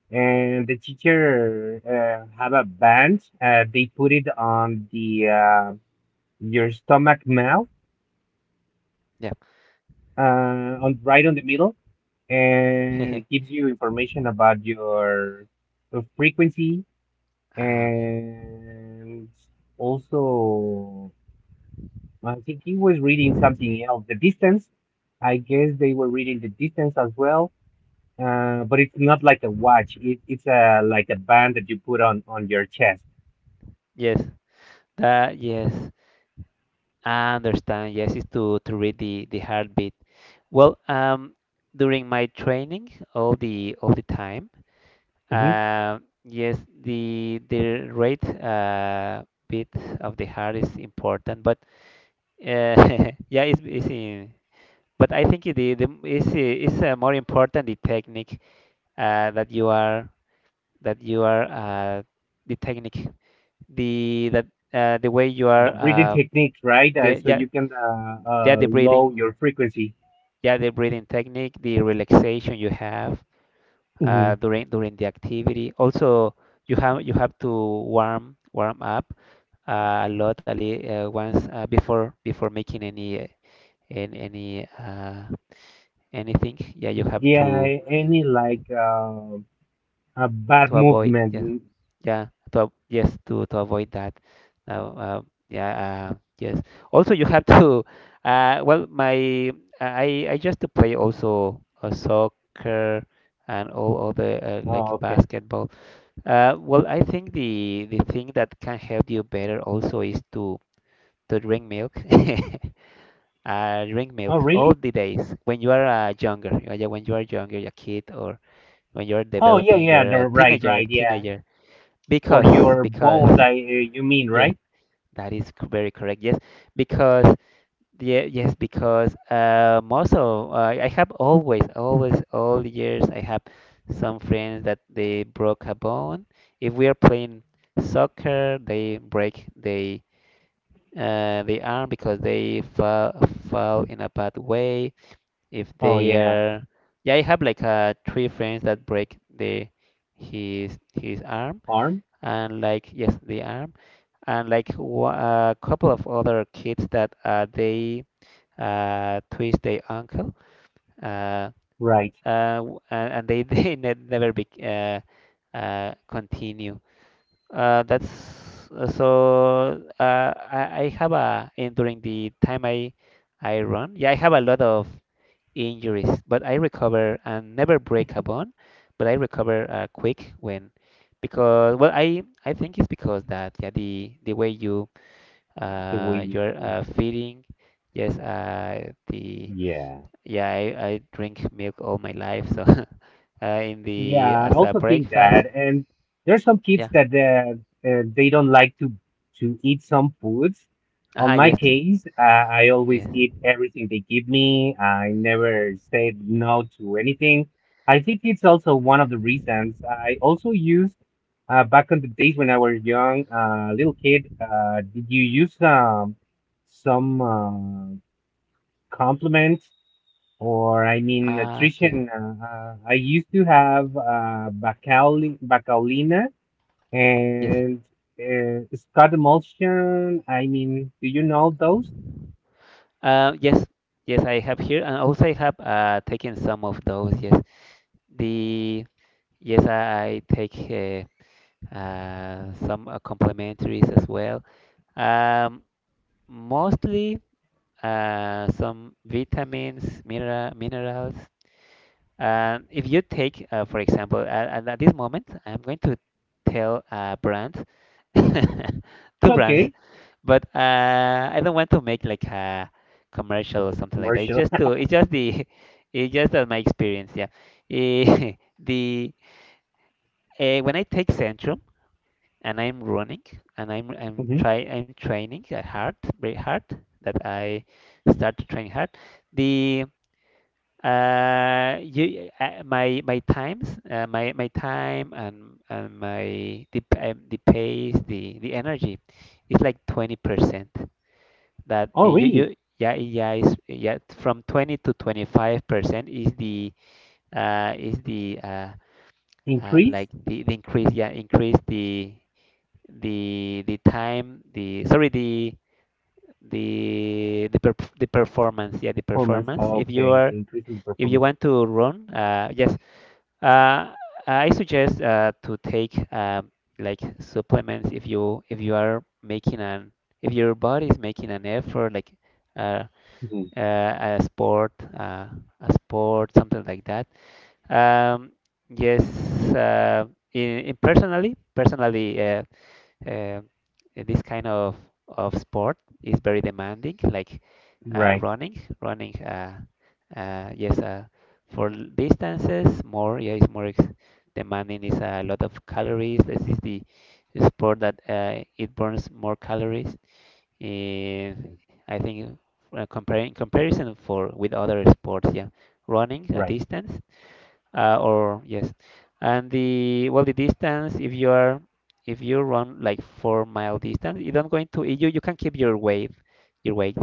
S2: and the teacher, uh, have a band. Uh, they put it on the uh, your stomach mouth,
S1: yeah.
S2: uh, on right on the middle, and it gives you information about your, uh, frequency,
S1: Ah, okay.
S2: and also, I think he was reading something else, the distance. I guess they were reading the distance as well. Uh, but it's not like a watch. It, it's a like a band that you put on on your chest.
S1: Yes, that, yes. I understand. Yes, it's to to read the the heartbeat. Well, um, during my training, all the all the time,
S2: Hmm.
S1: uh, yes, the the rate, uh, beat of the heart is important, but, uh, yeah, it's, it's in... but I think it- the the is is uh, more important, the technique, uh, that you are... that you are uh, the technique... the that uh, the way you are,
S2: The breathing
S1: uh,
S2: techniques, right? Uh,
S1: the...
S2: so
S1: yeah.
S2: you can, uh,
S1: Yeah,
S2: uh,
S1: the breathing...
S2: lower your frequency.
S1: yeah, the breathing technique, the relaxation you have, uh,
S2: Hmm.
S1: during during the activity. Also, you have you have to warm warm up, uh, a lot, a li- uh, once, uh, before before making any, uh, an- any, uh, anything. Yeah, you have
S2: Yeah,
S1: to...
S2: any like, uh, a bad
S1: to avoid, yes.
S2: movement.
S1: Yeah, to av- yes, to to avoid that. Now, uh, yeah, uh, yes. Also, you have to... Uh, well, my... I I just to play also, uh, soccer and all other, uh,
S2: Oh,
S1: like
S2: okay.
S1: basketball. Uh, well, I think the the thing that can help you better also is to to drink milk. Uh, drink
S2: Oh,
S1: milk all
S2: really?
S1: the days when you are, uh, younger. Uh, yeah, when you are younger, a kid, or when you are
S2: Oh, yeah,
S1: developing,
S2: yeah. The,
S1: you're a
S2: right,
S1: teenager,
S2: right. Yeah.
S1: teenager.
S2: For
S1: Because
S2: your bones,
S1: because
S2: I uh, you mean,
S1: yes,
S2: right?
S1: that is, c- very correct. Yes, because... yeah, yes, because, um, also, uh, I have always, always, all the years, I have some friends that they broke a bone. If we are playing soccer, they break... they uh, they arm because they fall fall in a bad way. If
S2: Oh,
S1: they
S2: yeah.
S1: are... yeah, I have like, uh, three friends that break the... his his arm,
S2: Arm?
S1: and like, yes, the arm. And like, wha- a couple of other kids that, uh, they, uh, twist their uncle, uh,
S2: Right.
S1: uh, w- and and they they ne never be, uh, uh, continue. Uh, that's, uh, so... Uh, I, I have a... in during the time I I run, yeah, I have a lot of injuries, but I recover and never break a bone, but I recover, uh, quick, when... because, well, I I think it's because that, yeah, the the way you,
S2: The way
S1: uh, you're,
S2: you.
S1: uh, feeding. Yes, uh, the...
S2: Yeah.
S1: yeah, I, I drink milk all my life, so uh, in the...
S2: Yeah, I
S1: as a
S2: also think
S1: breakfast.
S2: that, and there's some kids
S1: Yeah.
S2: that, uh, uh, they don't like to to eat some foods. On
S1: Ah,
S2: my
S1: yes,
S2: case, uh, I
S1: yes.
S2: always eat everything they give me. I never say no to anything. I think it's also one of the reasons I also used, uh, back in the days when I was young, uh, little kid. Uh, did you use, um, some, uh, compliment? Or, I mean,
S1: Ah, okay.
S2: nutrition. Uh, uh, I used to have, uh, bacauli- bacalina,
S1: Yes.
S2: and, uh, Scott emulsion. I mean, do you know those?
S1: Uh, yes, yes. I have here, and also I have, uh, taken some of those. Yes. The... yes, I, I take, uh, uh, some, uh, complementaries as well. Um, mostly, uh, some vitamins, mineral minerals. Um, if you take, uh, for example, at, at this moment, I'm going to tell a brand, two brands,
S2: Okay,
S1: but, uh, I don't want to make like a commercial or something like that. It's
S2: commercial.
S1: just to... it's just the... it's just, uh, my experience. Yeah. Eh, the... uh, when I take Centrum and I'm running, and I'm I'm
S2: Mhm.
S1: try I'm training, uh, hard, very hard. That I... start training hard. The, uh, you, uh, my my times, uh, my my time, and and my, the, p- um, the pace, the the energy, is like twenty percent. That,
S2: Oh,
S1: uh, you you
S2: really?
S1: yeah, yeah, is, yeah, from twenty to twenty-five percent is the uh is the uh, uh
S2: Increase.
S1: like the, the increase, yeah, increase the the the time, the, sorry, the the the, perf the performance, yeah, the
S2: Performance.
S1: performance if you
S2: Okay,
S1: are...
S2: the increase in
S1: if you
S2: performance.
S1: want to run, uh yes. Uh, I suggest, uh, to take, um, like supplements if you if you are making an... if your body is making an effort, like, uh,
S2: Mhm.
S1: uh, a sport, uh, a sport something like that. Um, yes, uh, in, in personally, personally uh, uh, this kind of of sport is very demanding, like, uh,
S2: Right,
S1: running, running. Uh, uh, yes, uh, for, l- distances, more, yeah, it's more, ex- demanding. It's a lot of calories. This is the sport that, uh, it burns more calories. Uh, I think, uh, comparing comparison for with other sports, yeah, running a
S2: right.
S1: distance, uh, or, yes, and the well, the distance, if you are... if you run like four mile distance, you don't going to... you you can keep your weight, your weight,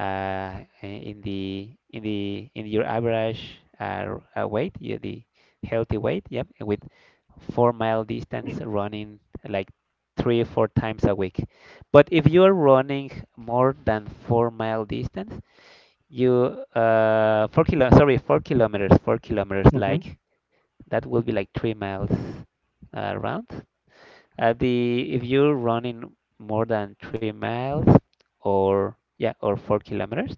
S1: uh, in the in the in your average, uh, uh, weight, yeah, the healthy weight, yep, with four mile distance running, like, three four times a week. But if you are running more than four mile distance, you... uh four kilo, sorry, four kilometers, four kilometers,
S2: Hmm.
S1: like... that will be like three miles, uh, round. Uh, the... if you're running more than three miles, or, yeah, or four kilometers,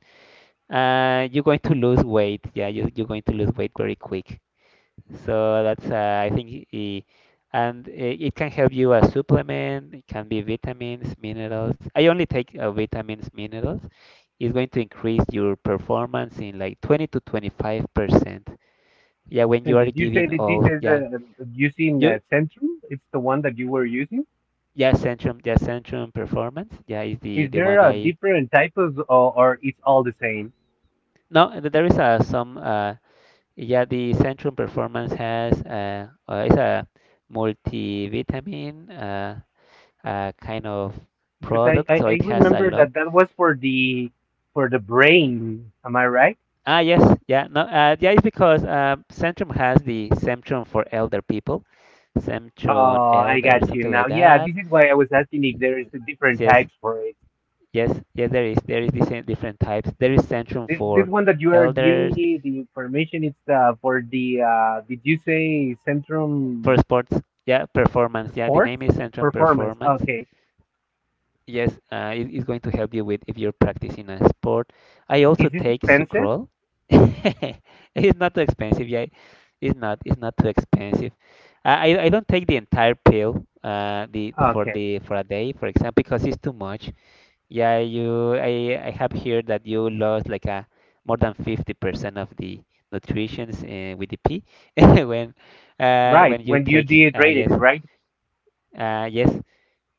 S1: uh, you're going to lose weight. Yeah, you, you're going to lose weight very quick. So that's, uh, I think, i- and it, it can help you, a supplement. It can be vitamins, minerals. I only take, uh, vitamins, minerals. It's going to increase your performance in like twenty to twenty-five percent. Yeah, when
S2: And
S1: you are
S2: did you say
S1: giving
S2: that this
S1: all,
S2: is,
S1: yeah,
S2: uh, using, uh,
S1: you...
S2: Centrum? It's the one that you were using?
S1: Yeah, Centrum, yeah, Centrum Performance, yeah, is the
S2: Is
S1: the one
S2: there a
S1: I...
S2: different types, or, or it's all the same?
S1: No, th- there is, uh, some. Uh, yeah, the Centrum Performance has, uh, uh, it's a multivitamin, uh, uh, kind of
S2: Because I,
S1: product,
S2: I,
S1: so
S2: I
S1: it has a
S2: remember
S1: lot.
S2: that that was for the, for the brain. Am I right?
S1: Ah, yes, yeah, no, uh, yeah, it's because, uh, Centrum has the Centrum for elder people, Centrum
S2: Oh, I
S1: elder,
S2: got you
S1: something
S2: now.
S1: like
S2: Yeah,
S1: that.
S2: this is why I was asking if there is a different
S1: Yes,
S2: types for it.
S1: yes, yes, there is, there is different different types. There is Centrum
S2: This this
S1: for
S2: one that you are giving
S1: elders,
S2: me the information, it's, uh, for the, uh, did you say
S1: for
S2: Centrum
S1: sports, yeah, performance, yeah, the
S2: Sports
S1: name is Centrum
S2: Performance?
S1: Performance.
S2: Okay,
S1: Yes, uh, it, it's going to help you with if you're practicing a sport. I also
S2: is this
S1: take
S2: expensive?
S1: Sucrol. It's not too expensive, yeah. It's not, it's not too expensive. I i I don't take the entire pill, uh the, for
S2: Okay,
S1: the... for a day, for example, because it's too much. Yeah, you... i i have heard that you lost like a... more than fifty percent of the nutrients, uh, with the pee when, uh,
S2: right.
S1: when you
S2: When you
S1: take... uh,
S2: dehydrated
S1: yes.
S2: it, right?
S1: uh, yes,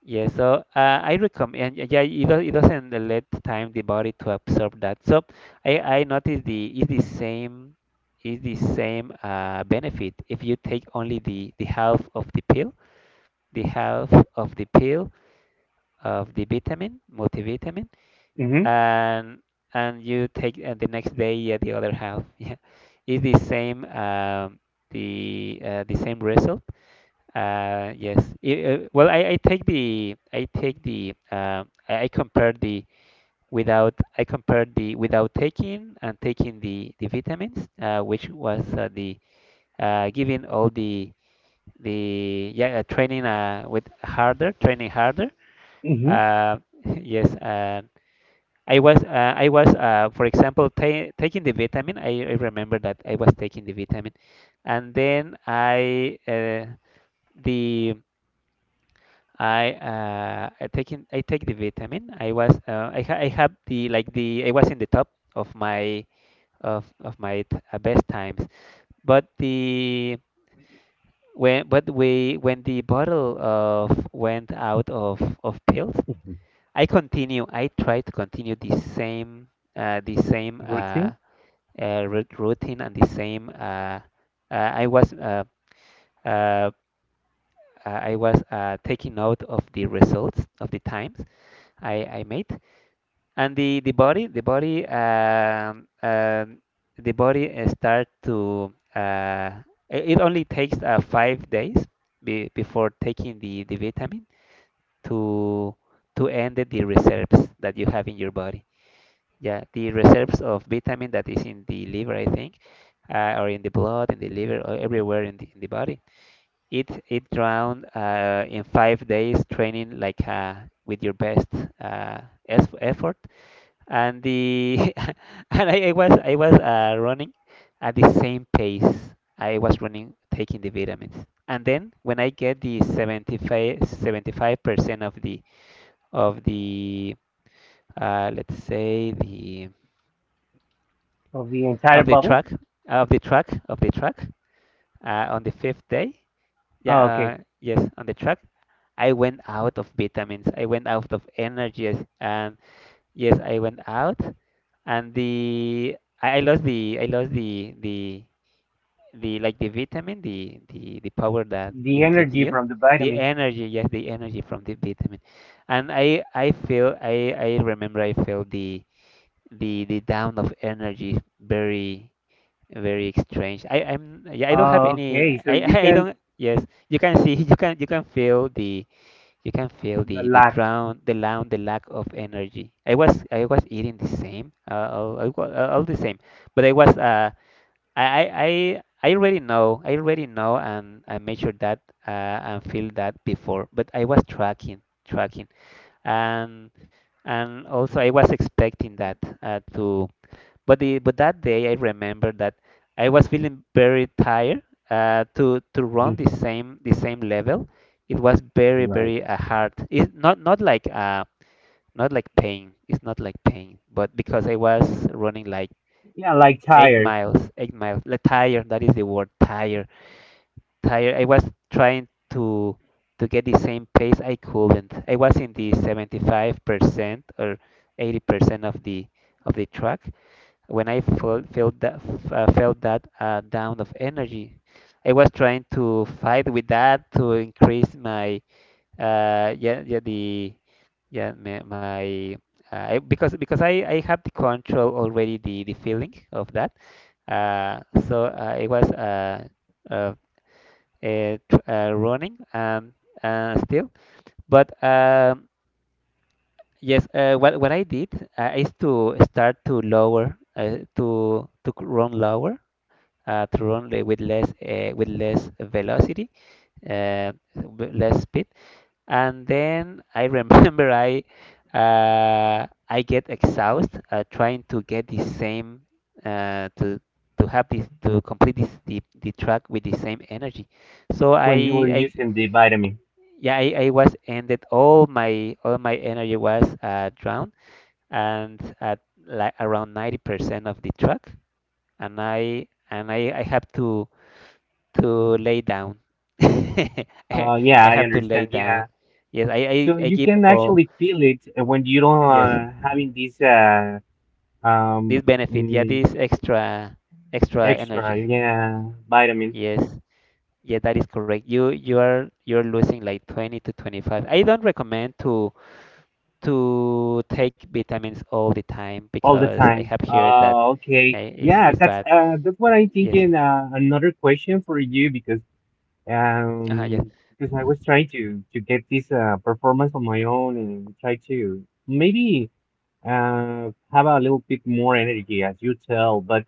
S1: yes. So, uh, I recommend. Yeah, yeah, it, does, it doesn't let time the body to absorb that. So, I, I noticed the... is the same... is the same, uh, benefit if you take only the the half of the pill, the half of the pill, of the vitamin, multivitamin,
S2: Mm-hmm.
S1: and and you take, uh, the next day, yeah, the other half. Yeah, is the same, um, the, uh, the same result, uh, yes. I- uh, well, I, I take the... I take the, uh, I, I compared the without... I compared the without taking and taking the the vitamins, uh, which was, uh, the, uh, giving all the... the yeah, uh, training, uh, with harder, training harder.
S2: Mm-hmm.
S1: Uh, yes. Uh, I was, uh, I was uh, for example, ta taking the vitamin. I, I remember that I was taking the vitamin, and then I, uh, the... I uh I taking I take the vitamin. I was, uh, I ha I have the... like the, I was in the top of my... of of my, t uh, best times. But the... when... but we when the bottle of went out of of pills, I continue. I try to continue the same, uh the same, uh,
S2: Routine.
S1: uh rut- routine, and the same, uh, uh I was uh uh uh, I was, uh taking note of the results of the times I I made. And the the body the body um, um, the body uh, start to, uh, i- it only takes uh, five days be, before taking the, the vitamin to to end the reserves that you have in your body. Yeah, the reserves of vitamin that is in the liver, I think, uh, or in the blood, in the liver, or everywhere in the, in the body. it it drowned uh, in five days training, like uh, with your best uh, es- effort. And the and I, I was I was uh, running at the same pace I was running taking the vitamins. And then when I get the seventy-five seventy-five percent of the of the uh, let's say, the
S2: Of the entire
S1: of the
S2: bottle.
S1: track of the track of the track uh, on the fifth day. Yeah.
S2: Okay,
S1: Uh, yes, on the track I went out of vitamins, I went out of energies, and yes, I went out. And the I, I lost the I lost the the the, like, the vitamin, the the the power that
S2: the
S1: it gives
S2: energy
S1: you,
S2: from the
S1: the
S2: vitamin.
S1: energy. Yes, the energy from the vitamin. And I I feel I I remember I felt the the the down of energy very very strange. I I'm yeah, I don't have
S2: Oh,
S1: any.
S2: okay. So
S1: I
S2: you
S1: I
S2: can.
S1: don't, yes, you can see. you can you can feel the, you can feel
S2: The
S1: the the
S2: lack.
S1: drown, the loud, the lack of energy. I was I was eating the same, uh, all, all, all all the same, but I was uh I I I I already know I already know and I measured that uh, and feel that before, but I was tracking tracking. and and also I was expecting that, uh, to, but the but that day I remember that I was feeling very tired, uh, to to run
S2: Mhm.
S1: the same the same level. It was very
S2: Right.
S1: very uh, hard. It's not not like uh Not like pain. It's not like pain, but because I was running like
S2: Yeah, like
S1: eight
S2: tired
S1: miles, eight miles. Like tired. That is the word. Tired. Tired. I was trying to to get the same pace. I couldn't. I was in the seventy-five percent or eighty percent of the of the track when I felt felt that, uh, felt that uh, down of energy. I was trying to fight with that, to increase my uh, yeah yeah the yeah my, my, uh, I, because because I, I have the control already, the, the feeling of that. Uh, so uh, I was uh, uh, uh, tr- uh, running, um, uh, still, but um, yes, uh, what what I did, uh, is to start to lower, uh, to to c- run lower, uh, to run le- with less, uh, with less velocity, uh, w- less speed. And then I remember I uh, I get exhausted uh, trying to get the same, uh, to to have this to complete this, the, the track with the same energy. So I
S2: when you were
S1: I
S2: using the vitamin.
S1: yeah, I, I was ended, all my all my energy was, uh, drowned, and at like around ninety percent of the track. And I and I, I have to to lay down. I
S2: Uh, yeah, I
S1: have to lay
S2: understand.
S1: down.
S2: Yeah.
S1: Yes, I,
S2: So
S1: I, I
S2: you
S1: give
S2: can
S1: all.
S2: actually feel it, uh, when you don't,
S1: Yes,
S2: uh, having this, uh
S1: this
S2: um
S1: benefit. Yeah,
S2: mm,
S1: this extra extra
S2: extra,
S1: energy.
S2: yeah, vitamin
S1: Yes, yeah, that is correct. You you are you're losing like twenty to twenty-five. I don't recommend to to take vitamins all the time,
S2: all the
S1: because I
S2: time.
S1: have heard that
S2: Oh,
S1: yeah,
S2: okay.
S1: it's,
S2: Yeah,
S1: it's bad.
S2: that's uh that's what I'm
S1: Yes,
S2: thinking. Uh, another question for you, because,
S1: uh yes.
S2: Um, because I was trying to to get this, uh, performance on my own, and try to maybe uh have a little bit more energy, as you tell. But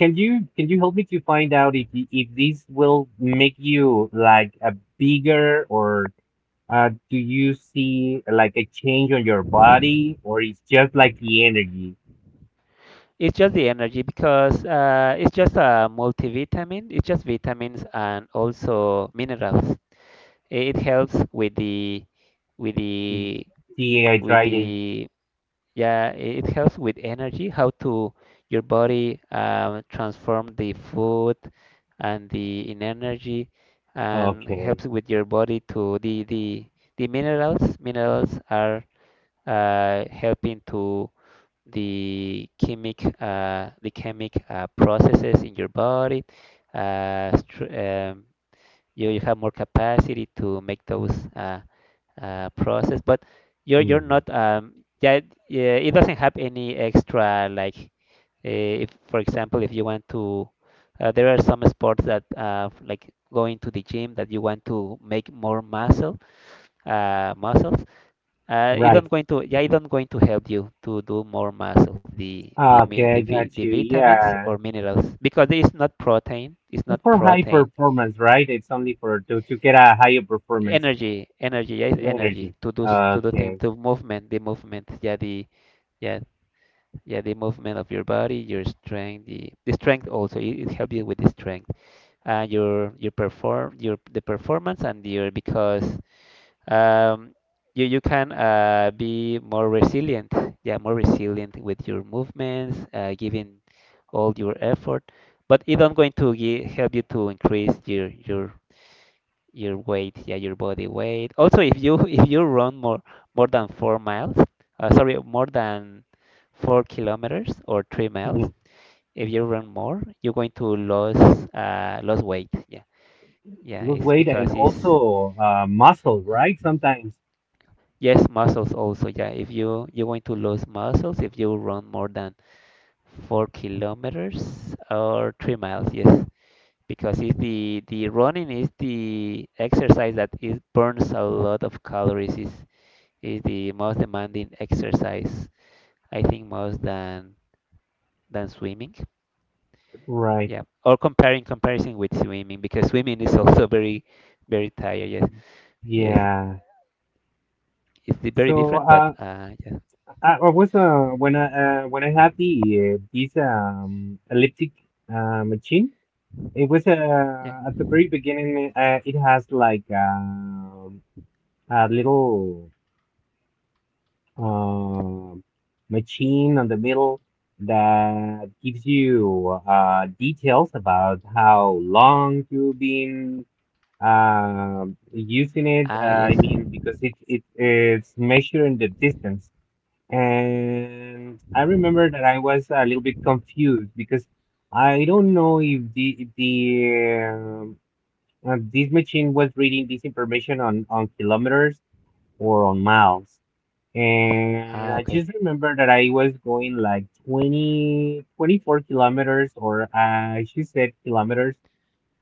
S2: can you can you help me to find out if y- if this will make you like a bigger, or uh do you see like a change on your body, or it's just like the energy,
S1: It's just the energy, because uh, it's just a multivitamin. It's just vitamins and also minerals. It helps with the with the with
S2: dehydrated?
S1: the yeah, it helps with energy. How to, your body um, transform the food and the in energy, and
S2: Okay.
S1: helps with your body to the the the minerals. Minerals are uh, helping to the chemic uh, the chemic, uh, processes in your body. Uh, str- um, you, you have more capacity to make those, uh, uh, process, but you're you're
S2: Hmm.
S1: not, um, yeah, yeah, it doesn't have any extra, like, uh, if, for example, if you want to, uh, there are some sports that, uh, like going to the gym, that you want to make more muscle uh, muscles. Uh, it
S2: Right.
S1: not going to, yeah, it not going to help you to do more mass of the the mi- the,
S2: Okay, I
S1: vi- the
S2: got you.
S1: vitamins or
S2: Yeah.
S1: minerals, because it's not protein. It's not
S2: It's for high
S1: protein.
S2: performance, right? It's only for to, to get a higher performance
S1: Energy, energy, yeah, it's
S2: in
S1: energy
S2: energy.
S1: to do s- to do thing,
S2: Okay.
S1: to movement, the movement, yeah, the yeah yeah the movement of your body, your strength, the, the strength, also it, it helps you with the strength, and your your perform your the performance and your, because um, you you can, uh, be more resilient. Yeah, more resilient with your movements, uh, giving all your effort. But it not going to gi- help you to increase your your your weight. Yeah, your body weight. Also, if you if you run more, more than four miles, uh, sorry, more than four kilometers, or three miles.
S2: Mhm.
S1: If you run more, you're going to lose, uh, lose weight. Yeah, yeah,
S2: Lose
S1: it's
S2: weight, and
S1: because it's,
S2: also, uh, muscle, right? Sometimes.
S1: yes, muscles also. Yeah, if you you're going to lose muscles if you run more than four kilometers or three miles. Yes, because it's the the running is the exercise that it burns a lot of calories. is is the most demanding exercise. I think most than than swimming.
S2: Right.
S1: Yeah, or comparing, comparison with swimming, because swimming is also very very tired. Yes, yes,
S2: Yeah.
S1: it's the very
S2: So,
S1: different, but
S2: uh,
S1: uh, yeah,
S2: I, I was uh, when I uh, when I had the, uh, this, um, elliptic, uh, machine, it was,
S1: yeah.
S2: uh, at the very beginning. Uh, it has like, um, a little, uh, machine on the middle, that gives you, uh, details about how long you've been, uh, using it. Uh,
S1: Ah,
S2: I
S1: yes.
S2: mean, because it, it it's measuring the distance. And I remember that I was a little bit confused, because I don't know if the if the um, uh, this machine was reading this information on on kilometers or on miles. And
S1: Ah,
S2: I
S1: okay.
S2: just remember that I was going like twenty, twenty-four kilometers, or uh, she said kilometers,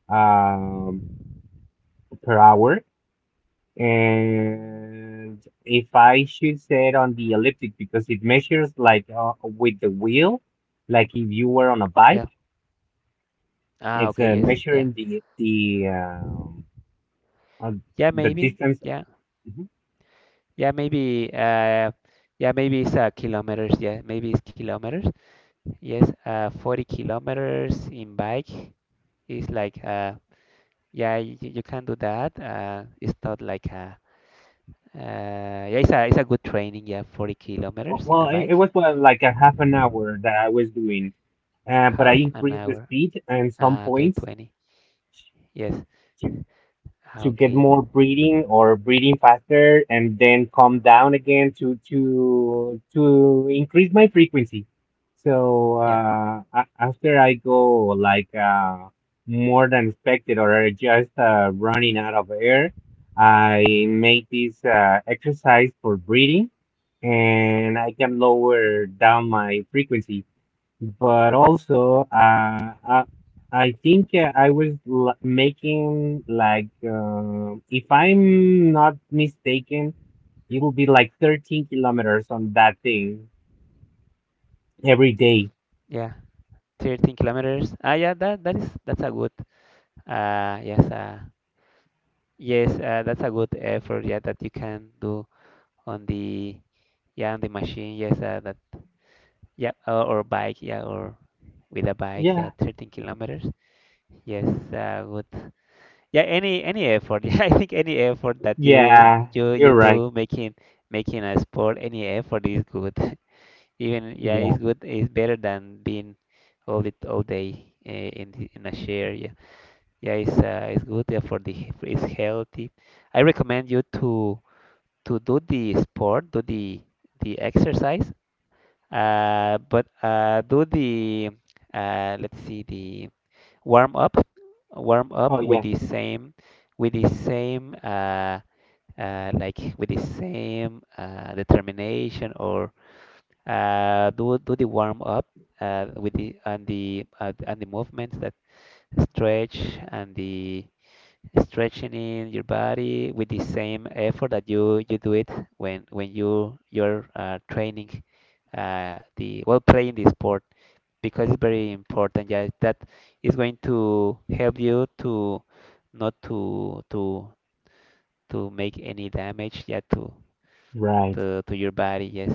S2: um, per hour. And if I should sit on the elliptic, because it measures like, uh, with the wheel, like if you were on a bike,
S1: Yeah. Ah,
S2: it's,
S1: okay,
S2: uh,
S1: yes, yeah,
S2: measuring the the um, uh,
S1: yeah,
S2: the
S1: maybe,
S2: distance.
S1: yeah,
S2: Mm-hmm.
S1: yeah, maybe, uh, yeah, maybe it's uh, kilometers, yeah, maybe it's kilometers, yes, uh, forty kilometers in bike is like, uh, yeah, you, you can do that, uh, it's not like a, uh, yeah, it's a, it's a good training, yeah, forty
S2: Oh.
S1: kilometers in
S2: Well,
S1: a
S2: it, it
S1: bike,
S2: was, well, like a half an hour that I was doing, uh, but I
S1: half an
S2: increased the
S1: hour,
S2: speed and some
S1: ah, okay,
S2: points,
S1: twenty, yes, ah,
S2: to get
S1: okay,
S2: more breeding, or breeding faster, and then come down again to to to increase my frequency. So
S1: yeah,
S2: uh a- after I go like, uh more than expected, or just, uh, running out of air, I make this, uh, exercise for breathing, and I can lower down my frequency. But also, uh, I, I think, uh, I was, l making like, uh, if I'm not mistaken, it will be like 13 kilometers on that thing every day.
S1: yeah, thirteen kilometers, ah, yeah, that, that is, that's a good, uh, yes, uh, yes, uh, that's a good effort, yeah, that you can do on the, yeah, on the machine. Yes, uh, that yeah, or, or bike, yeah, or with a bike, yeah,
S2: Yeah,
S1: thirteen kilometers. Yes, uh, good. Yeah, any any effort. Yeah, I think any effort that you
S2: yeah,
S1: you
S2: you're
S1: you
S2: right.
S1: do, making making a sport, any effort is good. Even, yeah, it's
S2: Yeah.
S1: good. It's better than being all the all day, uh, in the, in a chair. Yeah, yeah, it's uh, it's good. Yeah, for the, it's healthy. I recommend you to to do the sport, do the the exercise, uh, but uh, do the, uh, let's see, the warm up, warm
S2: Oh
S1: up with
S2: yeah,
S1: the same with the same uh, uh, like with the same, uh, determination, or uh, do do the warm up, uh, with the, and the uh, and the movements, that stretch and the stretching in your body with the same effort that you you do it when when you you're, uh, training, uh, the well playing the sport, because it's very important. Yeah, that is going to help you to not to to to make any damage. Yeah, to
S2: right,
S1: to to your body. Yes.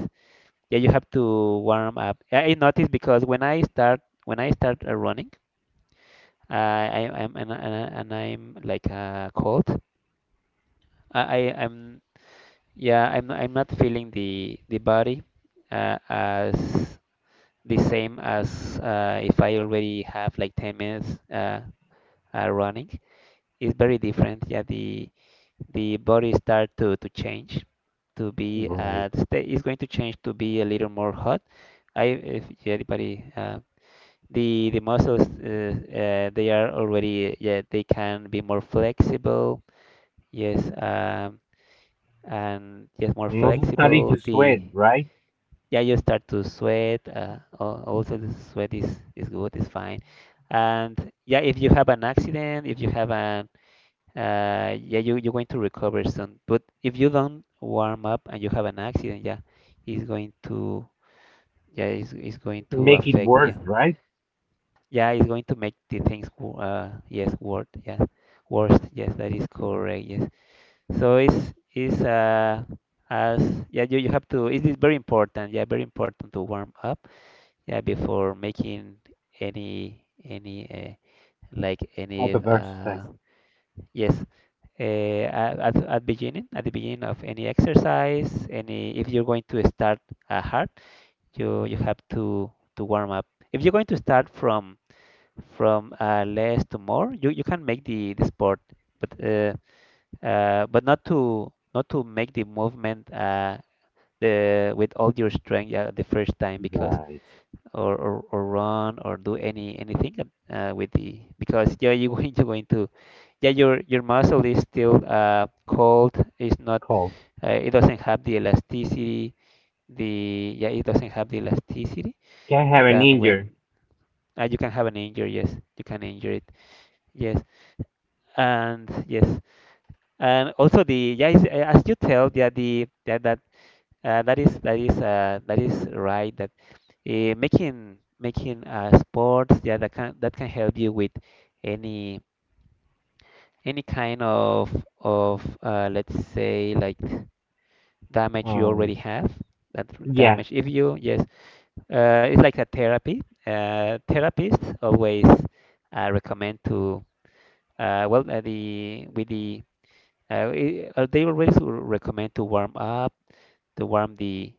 S1: Yeah, you have to warm up. I I noticed because when I start, when I start uh, running, I I- I'm and, I- and, I- and I'm like, uh, cold. I I- I'm Yeah, I'm not, I'm not feeling the the body, uh, as the same as, uh, if I already have like ten minutes, uh, uh, running. It's very different. Yeah, the the body start to to change, to be,
S2: right.
S1: uh, the state is going to change to be a little more hot. I if yeah, the body, uh, the the muscles, uh, uh, they are already, yeah, they can be more flexible. Yes, um, and, yes, more
S2: And also starting
S1: flexible.
S2: to
S1: The
S2: sweat, right?
S1: yeah, you start to sweat. Uh, al- also, the sweat is is good, it's fine. And yeah, if you have an accident, if you have an uh, yeah, you you're going to recover soon. But if you don't warm up and you have an accident, yeah, it's going to, yeah, it's, it's going to
S2: Make it
S1: affect,
S2: worse,
S1: yeah,
S2: right?
S1: yeah, it's going to make the things wo- uh yes, worse, yeah, worse, yes, that is correct, yes. So it's it's uh as yeah you, you have to it is very important, yeah, very important to warm up yeah before making any any uh, like
S2: Out
S1: any
S2: of
S1: uh,
S2: exercise.
S1: yes, uh, at, at at beginning at the beginning of any exercise, any, if you're going to start uh, hard, you you have to to warm up. If you're going to start from from uh, less to more, you, you can make the, the sport, but uh, uh, but not to not to make the movement, uh, the with all your strength, yeah, the first time because
S2: Right.
S1: or, or, or run or do any anything uh, with the because, yeah, you are going to going to yeah, your your muscle is still uh, cold. It's not
S2: Cold.
S1: uh, it doesn't have the elasticity. The yeah it doesn't have the elasticity,
S2: Can have
S1: and
S2: an
S1: then when
S2: injury.
S1: uh, you can have an injury. Yes, you can injure it. Yes, and yes, and also the, yeah, it's- uh, as you tell, yeah, the that that Uh, that is that is uh, that is right. That uh, making making uh, sports, yeah, that can that can help you with any any kind of of uh, let's say like damage you already
S2: Um,
S1: have. That r-
S2: yeah,
S1: damage, if you, yes, uh, it's like a therapy. Uh, therapists always uh, recommend to uh, well uh, the with the uh, I- uh, they always recommend to warm up, to warm the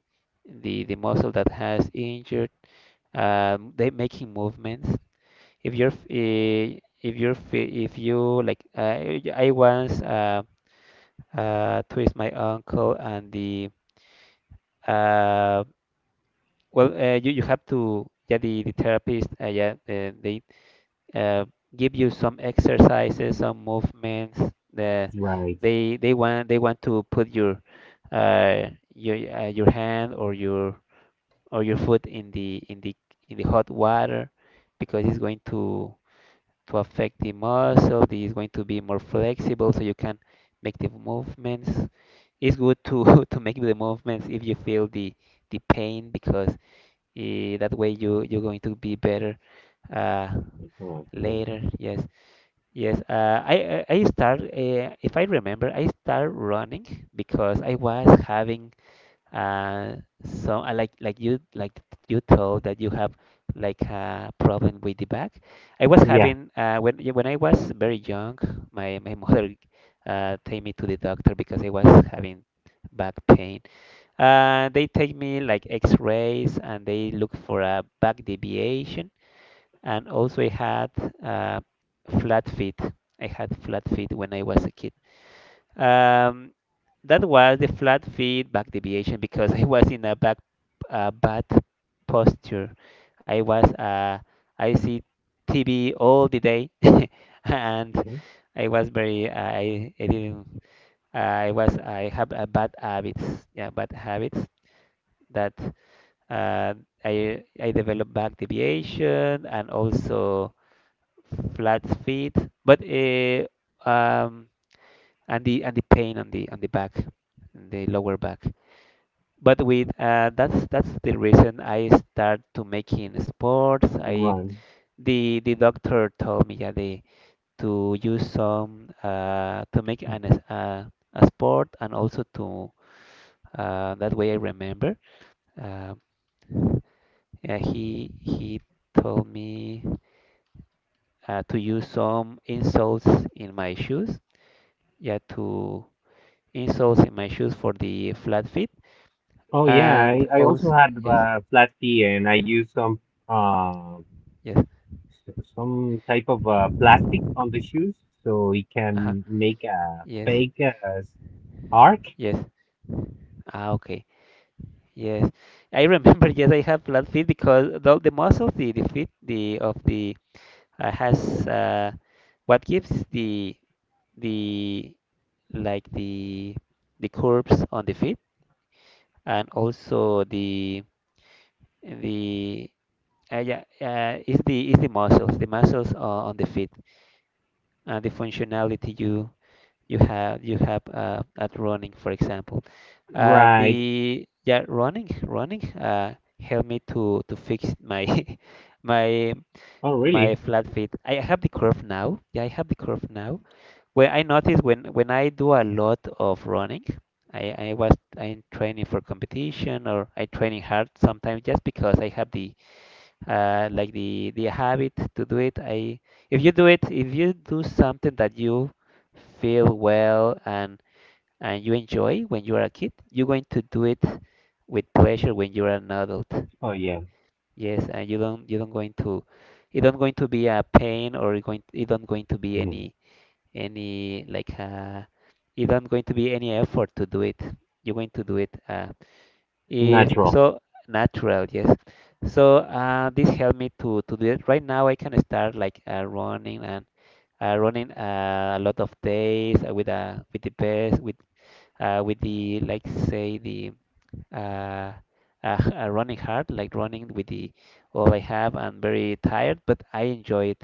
S1: the the muscle that has injured, um, they making movements. If you're f- eh, if you're fe- if you like uh, I once uh, uh, twist my ankle and the uh, well uh, you you have to, yeah, the the therapist, uh, yeah uh, they uh, give you some exercises, some movements. the
S2: right.
S1: they they want, they want to put your uh, your uh, your hand or your or your foot in the in the in the hot water because it's going to to affect the muscle. This is going to be more flexible, so you can make the movements. It's good to to make the movements if you feel the the pain because, eh, that way you you're going to be better uh,
S2: Okay.
S1: later. Yes, yes. Uh, I I I start, uh, if I remember, I start running because I was having, uh, so I like like you, like you told, that you have like a problem with the back. I was
S2: Yeah.
S1: having, uh, when y- when I was very young, my my mother uh, take me to the doctor because I was having back pain. Uh, they take me like X-rays and they look for a back deviation. And also I had uh, flat feet. I had flat feet when I was a kid. Um, that was the flat feet back deviation because I was in a back uh, bad posture. I was uh, I see T V all the day, and
S2: Mhm.
S1: I was very, uh, I, I didn't uh, I was I have a bad habits, yeah, bad habits that uh, I I developed back deviation and also flat feet, but uh, um and the, and the pain on the on the back, the lower back. But with, uh, that's that's the reason I start to making sports. I
S2: Run.
S1: the the doctor told me, yeah, the, to use some uh, to make an
S2: Mhm.
S1: es- uh, a sport, and also to uh, that way I remember. Uh, yeah, he he told me uh, to use some insoles in my shoes. Yeah, to insoles in my shoes for the flat feet
S2: Oh yeah,
S1: and
S2: I, I also
S1: also
S2: had,
S1: yes,
S2: uh, flat tee, and I used some, uh
S1: yes,
S2: s- some type of, uh, plastic on the shoes, so it
S1: uh-huh,
S2: can make a
S1: yes,
S2: fake, uh, s- arc.
S1: yes. Ah, okay. Yes, I remember. Yes, I have flat feet because the, the muscles, the, the feet, the of the uh, has uh, what gives the the like the the curves on the feet, and also the the uh, yeah uh, is the is the muscles, the muscles uh, on the feet, and the functionality you you have you have uh, at running, for example. And
S2: Right.
S1: the, yeah, running, running uh, helped me to to fix my my
S2: Oh
S1: my
S2: really?
S1: flat feet. I have the curve now. Yeah, I have the curve now. Where I notice, when when I do a lot of running, I I was I'm training for competition, or I training hard sometimes just because I have the uh, like the the habit to do it. I, if you do it, if you do something that you feel well, and and you enjoy when you are a kid, you're going to do it with pleasure when you're an adult.
S2: Oh yeah.
S1: Yes, and you don't, you don't going to, it don't going to be a pain, or it going, it don't going to be
S2: Mhm.
S1: any any like uh, it don't going to be any effort to do it. You're going to do it uh if
S2: Natural.
S1: so natural, yes. So, uh, this helped me to to do it. Right now I can start like, uh, running, and uh, running uh, a lot of days uh, with uh, with the best, with uh, with the like say the uh, uh, uh, running hard, like running with the all I have. I'm very tired, but I enjoy it.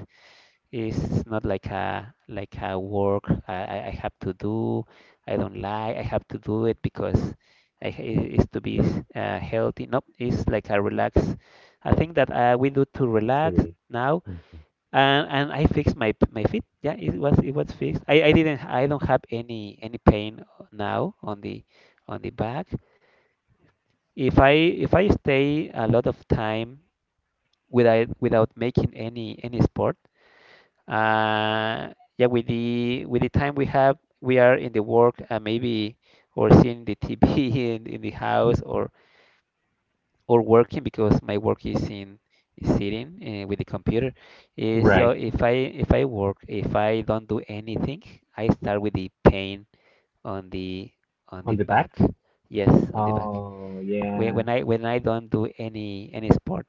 S1: It's not like a like a work I, I I have to do. I don't like. I have to do it because I, it- it's to be uh, healthy. No, it's like a relax. I think that, uh, we do to relax
S2: Activity.
S1: now,
S2: Mhm.
S1: and and I fixed my p- my feet. Yeah, it was it was fixed. I, I didn't. I don't have any any pain now on the on the back. If I if I stay a lot of time without without making any any sport, uh, yeah, with the with the time we have, we are in the work, uh, maybe, or seeing the T V in, in the house, or or working because my work is in is sitting uh, with the computer. Uh, so
S2: Right.
S1: if I if I work, if I don't do anything, I start with the pain on the on
S2: On
S1: the
S2: the back?
S1: back. Yes, on the back,
S2: Oh
S1: when
S2: yeah.
S1: when I when I don't do any any sport.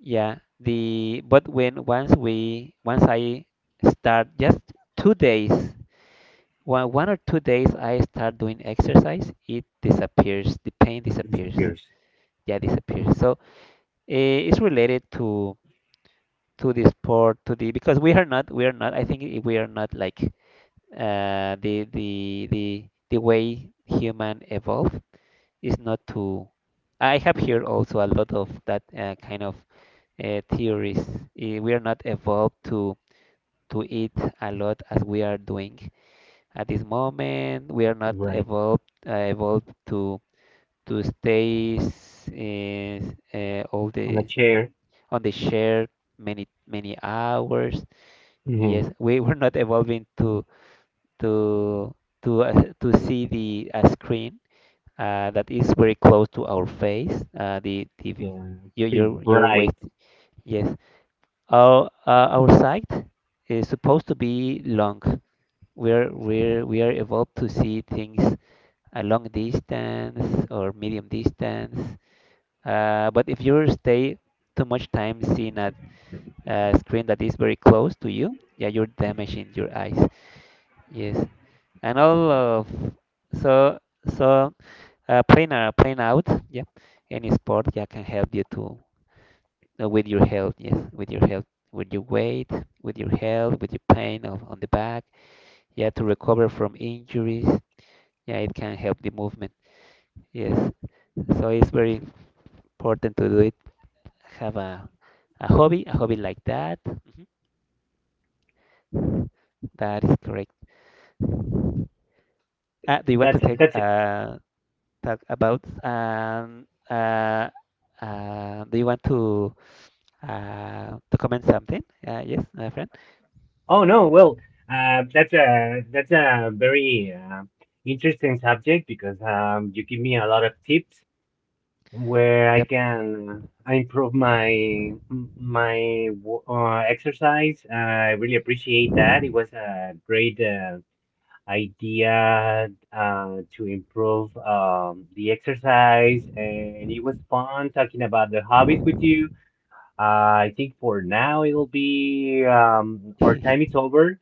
S1: Yeah, the, but when once we once I start just two days, one one or two days I start doing exercise, it disappears. The pain
S2: It
S1: disappears.
S2: disappears.
S1: Yeah, disappears. So, eh, it's related to to the sport, to the because we are not, we are not. I think i- we are not like uh, the the the the way human evolve is not to. I have here also a lot of that uh, kind of uh, theories. Eh, We are not evolved to to eat a lot as we are doing. At this moment, we are not
S2: Right.
S1: evolved uh, evolved to to stay s- is, uh, all
S2: On a
S1: the
S2: chair.
S1: on the share many many hours.
S2: Hmm.
S1: Yes, we were not evolving to to to uh, to see the a screen uh, that is very close to our face. Uh, the T V,
S2: Yeah.
S1: your
S2: Pretty
S1: your your
S2: bright.
S1: waist. Yes, our, uh, our sight is supposed to be long. we're we're we are evolved to see things a long distance or medium distance. Uh, but if you stay too much time seeing a, a screen that is very close to you, yeah, you're damaging your eyes. Yes, and all of, so, so, uh, playing uh, playing out, yeah, any sport, yeah, can help you to, uh, with your health. Yes, with your health, with your weight, with your health, with your pain of, on the back. Yeah, to recover from injuries. Yeah, it can help the movement. Yes, so it's very important to do it, have a, a hobby, a hobby like that. Mhm. That is correct. Uh, do you want to
S2: That's
S1: take,
S2: that's a.
S1: uh, talk about, um, uh, uh, do you want to uh, to comment something, uh, yes, uh, friend?
S2: Oh, no, well, uh, that's a that's a very, uh, interesting subject, because, um, you give me a lot of tips where I
S1: Yep.
S2: can, uh, improve my my wo-, uh, exercise. I really appreciate that. It was a great, uh, idea, uh, to improve, um, the exercise, and it was fun talking about the hobbies with you. Uh, I think for now, it'll be, um, our
S1: Uh-huh.
S2: time is over.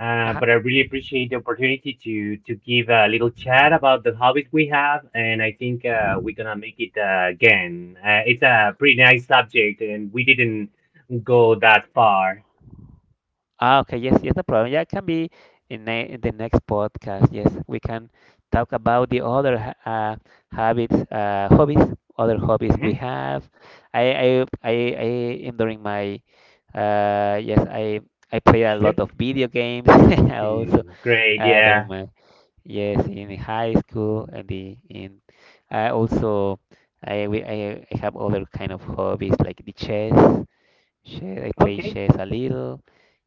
S2: Uh, but I really appreciate the opportunity to to give a little chat about the hobbies we have, and I think, uh, we're gonna make it, uh, again. Uh, it's a pretty nice subject, and we didn't go that far.
S1: Ah, okay, yes, yes, no problem. Yeah, it can be in, ne, in the next podcast. Yes, we can talk about the other ha- uh, habits, uh, hobbies, other hobbies we
S2: Hmm.
S1: have. I, I, I, I am during my, uh, yes, I, I play a lot of
S2: Shift.
S1: video games also
S2: Hmm. Great.
S1: uh, during
S2: Yeah.
S1: my, yes, in high school and the in, I also, I, we, I, I have other kind of hobbies like the chess. Chess, I play
S2: Okay.
S1: chess a little.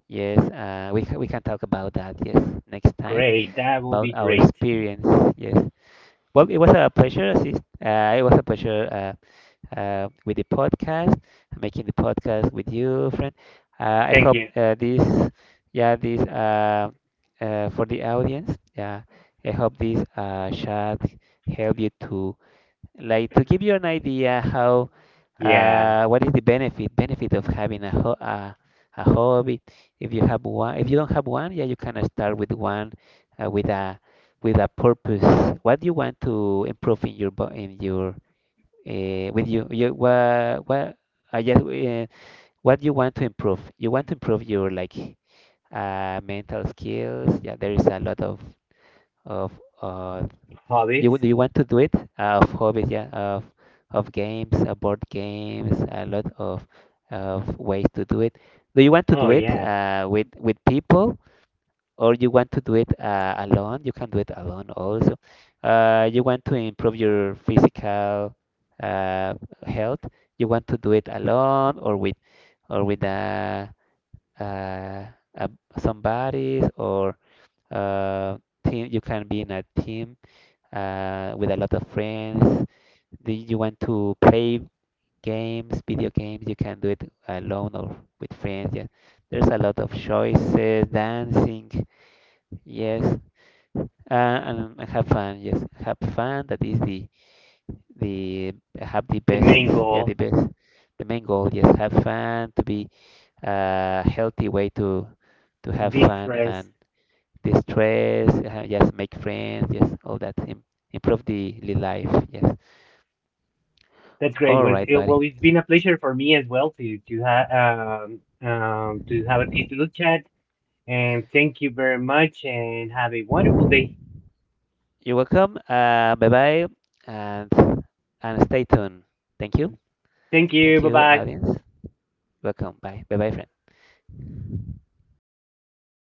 S1: Yes, uh, we ca- we can talk about that. Yes, next time
S2: Great. That will
S1: about
S2: be
S1: our
S2: great.
S1: experience. Yes. Well, it was a pleasure. Assist- Uh, it was a pleasure, uh, uh, with the podcast, making the podcast with you, friend. Uh, I
S2: Thank
S1: hope,
S2: you.
S1: uh, this, yeah, this, uh, uh, for the audience. Yeah, I hope this, uh, chat help you to, like to give you an idea how,
S2: Yeah.
S1: uh, what is the benefit benefit of having a, ho, a a hobby. If you have one, if you don't have one, yeah, you can start with one, uh, with a with a purpose. What you want to improve in your, bo, in your, uh, with you, you, what what I guess, uh, what you want to improve. You want to improve your like, uh, mental skills. Yeah, there is a lot of of uh, you would,
S2: Hobbies.
S1: you want to do it? Uh, of hobbies, yeah. Of of games, uh, board games, a lot of of ways to do it. Do you want to
S2: Oh
S1: do it,
S2: yeah.
S1: uh, with with people, or you want to do it uh, alone? You can do it alone also. Uh, you want to improve your physical uh, health. You want to do it alone or with or with uh, uh, uh, somebody or uh, team. You can be in a team uh, with a lot of friends. Do you want to play games, video games? You can do it alone or with friends. Yeah, there's a lot of choices, dancing. Yes, uh, and have fun. Yes, have fun. That is the the have the
S2: The
S1: best.
S2: main
S1: Yeah, the
S2: goal.
S1: best. The main goal. Yes, have fun, to be a healthy way to to have fun
S2: Distress.
S1: and distress. Uh, yes, make friends. Yes, all that. Im-, improve the, the life. Yes.
S2: That's great.
S1: All
S2: Was
S1: right,
S2: it,
S1: buddy.
S2: well, it's been a pleasure for me as well to to have, um, um, to have this little chat. And thank you very much, and have a wonderful day.
S1: You're welcome. Uh, bye bye, and and stay tuned. Thank you,
S2: Thank you.
S1: thank
S2: Bye
S1: you,
S2: bye.
S1: audience. Welcome. Bye, bye bye, friends.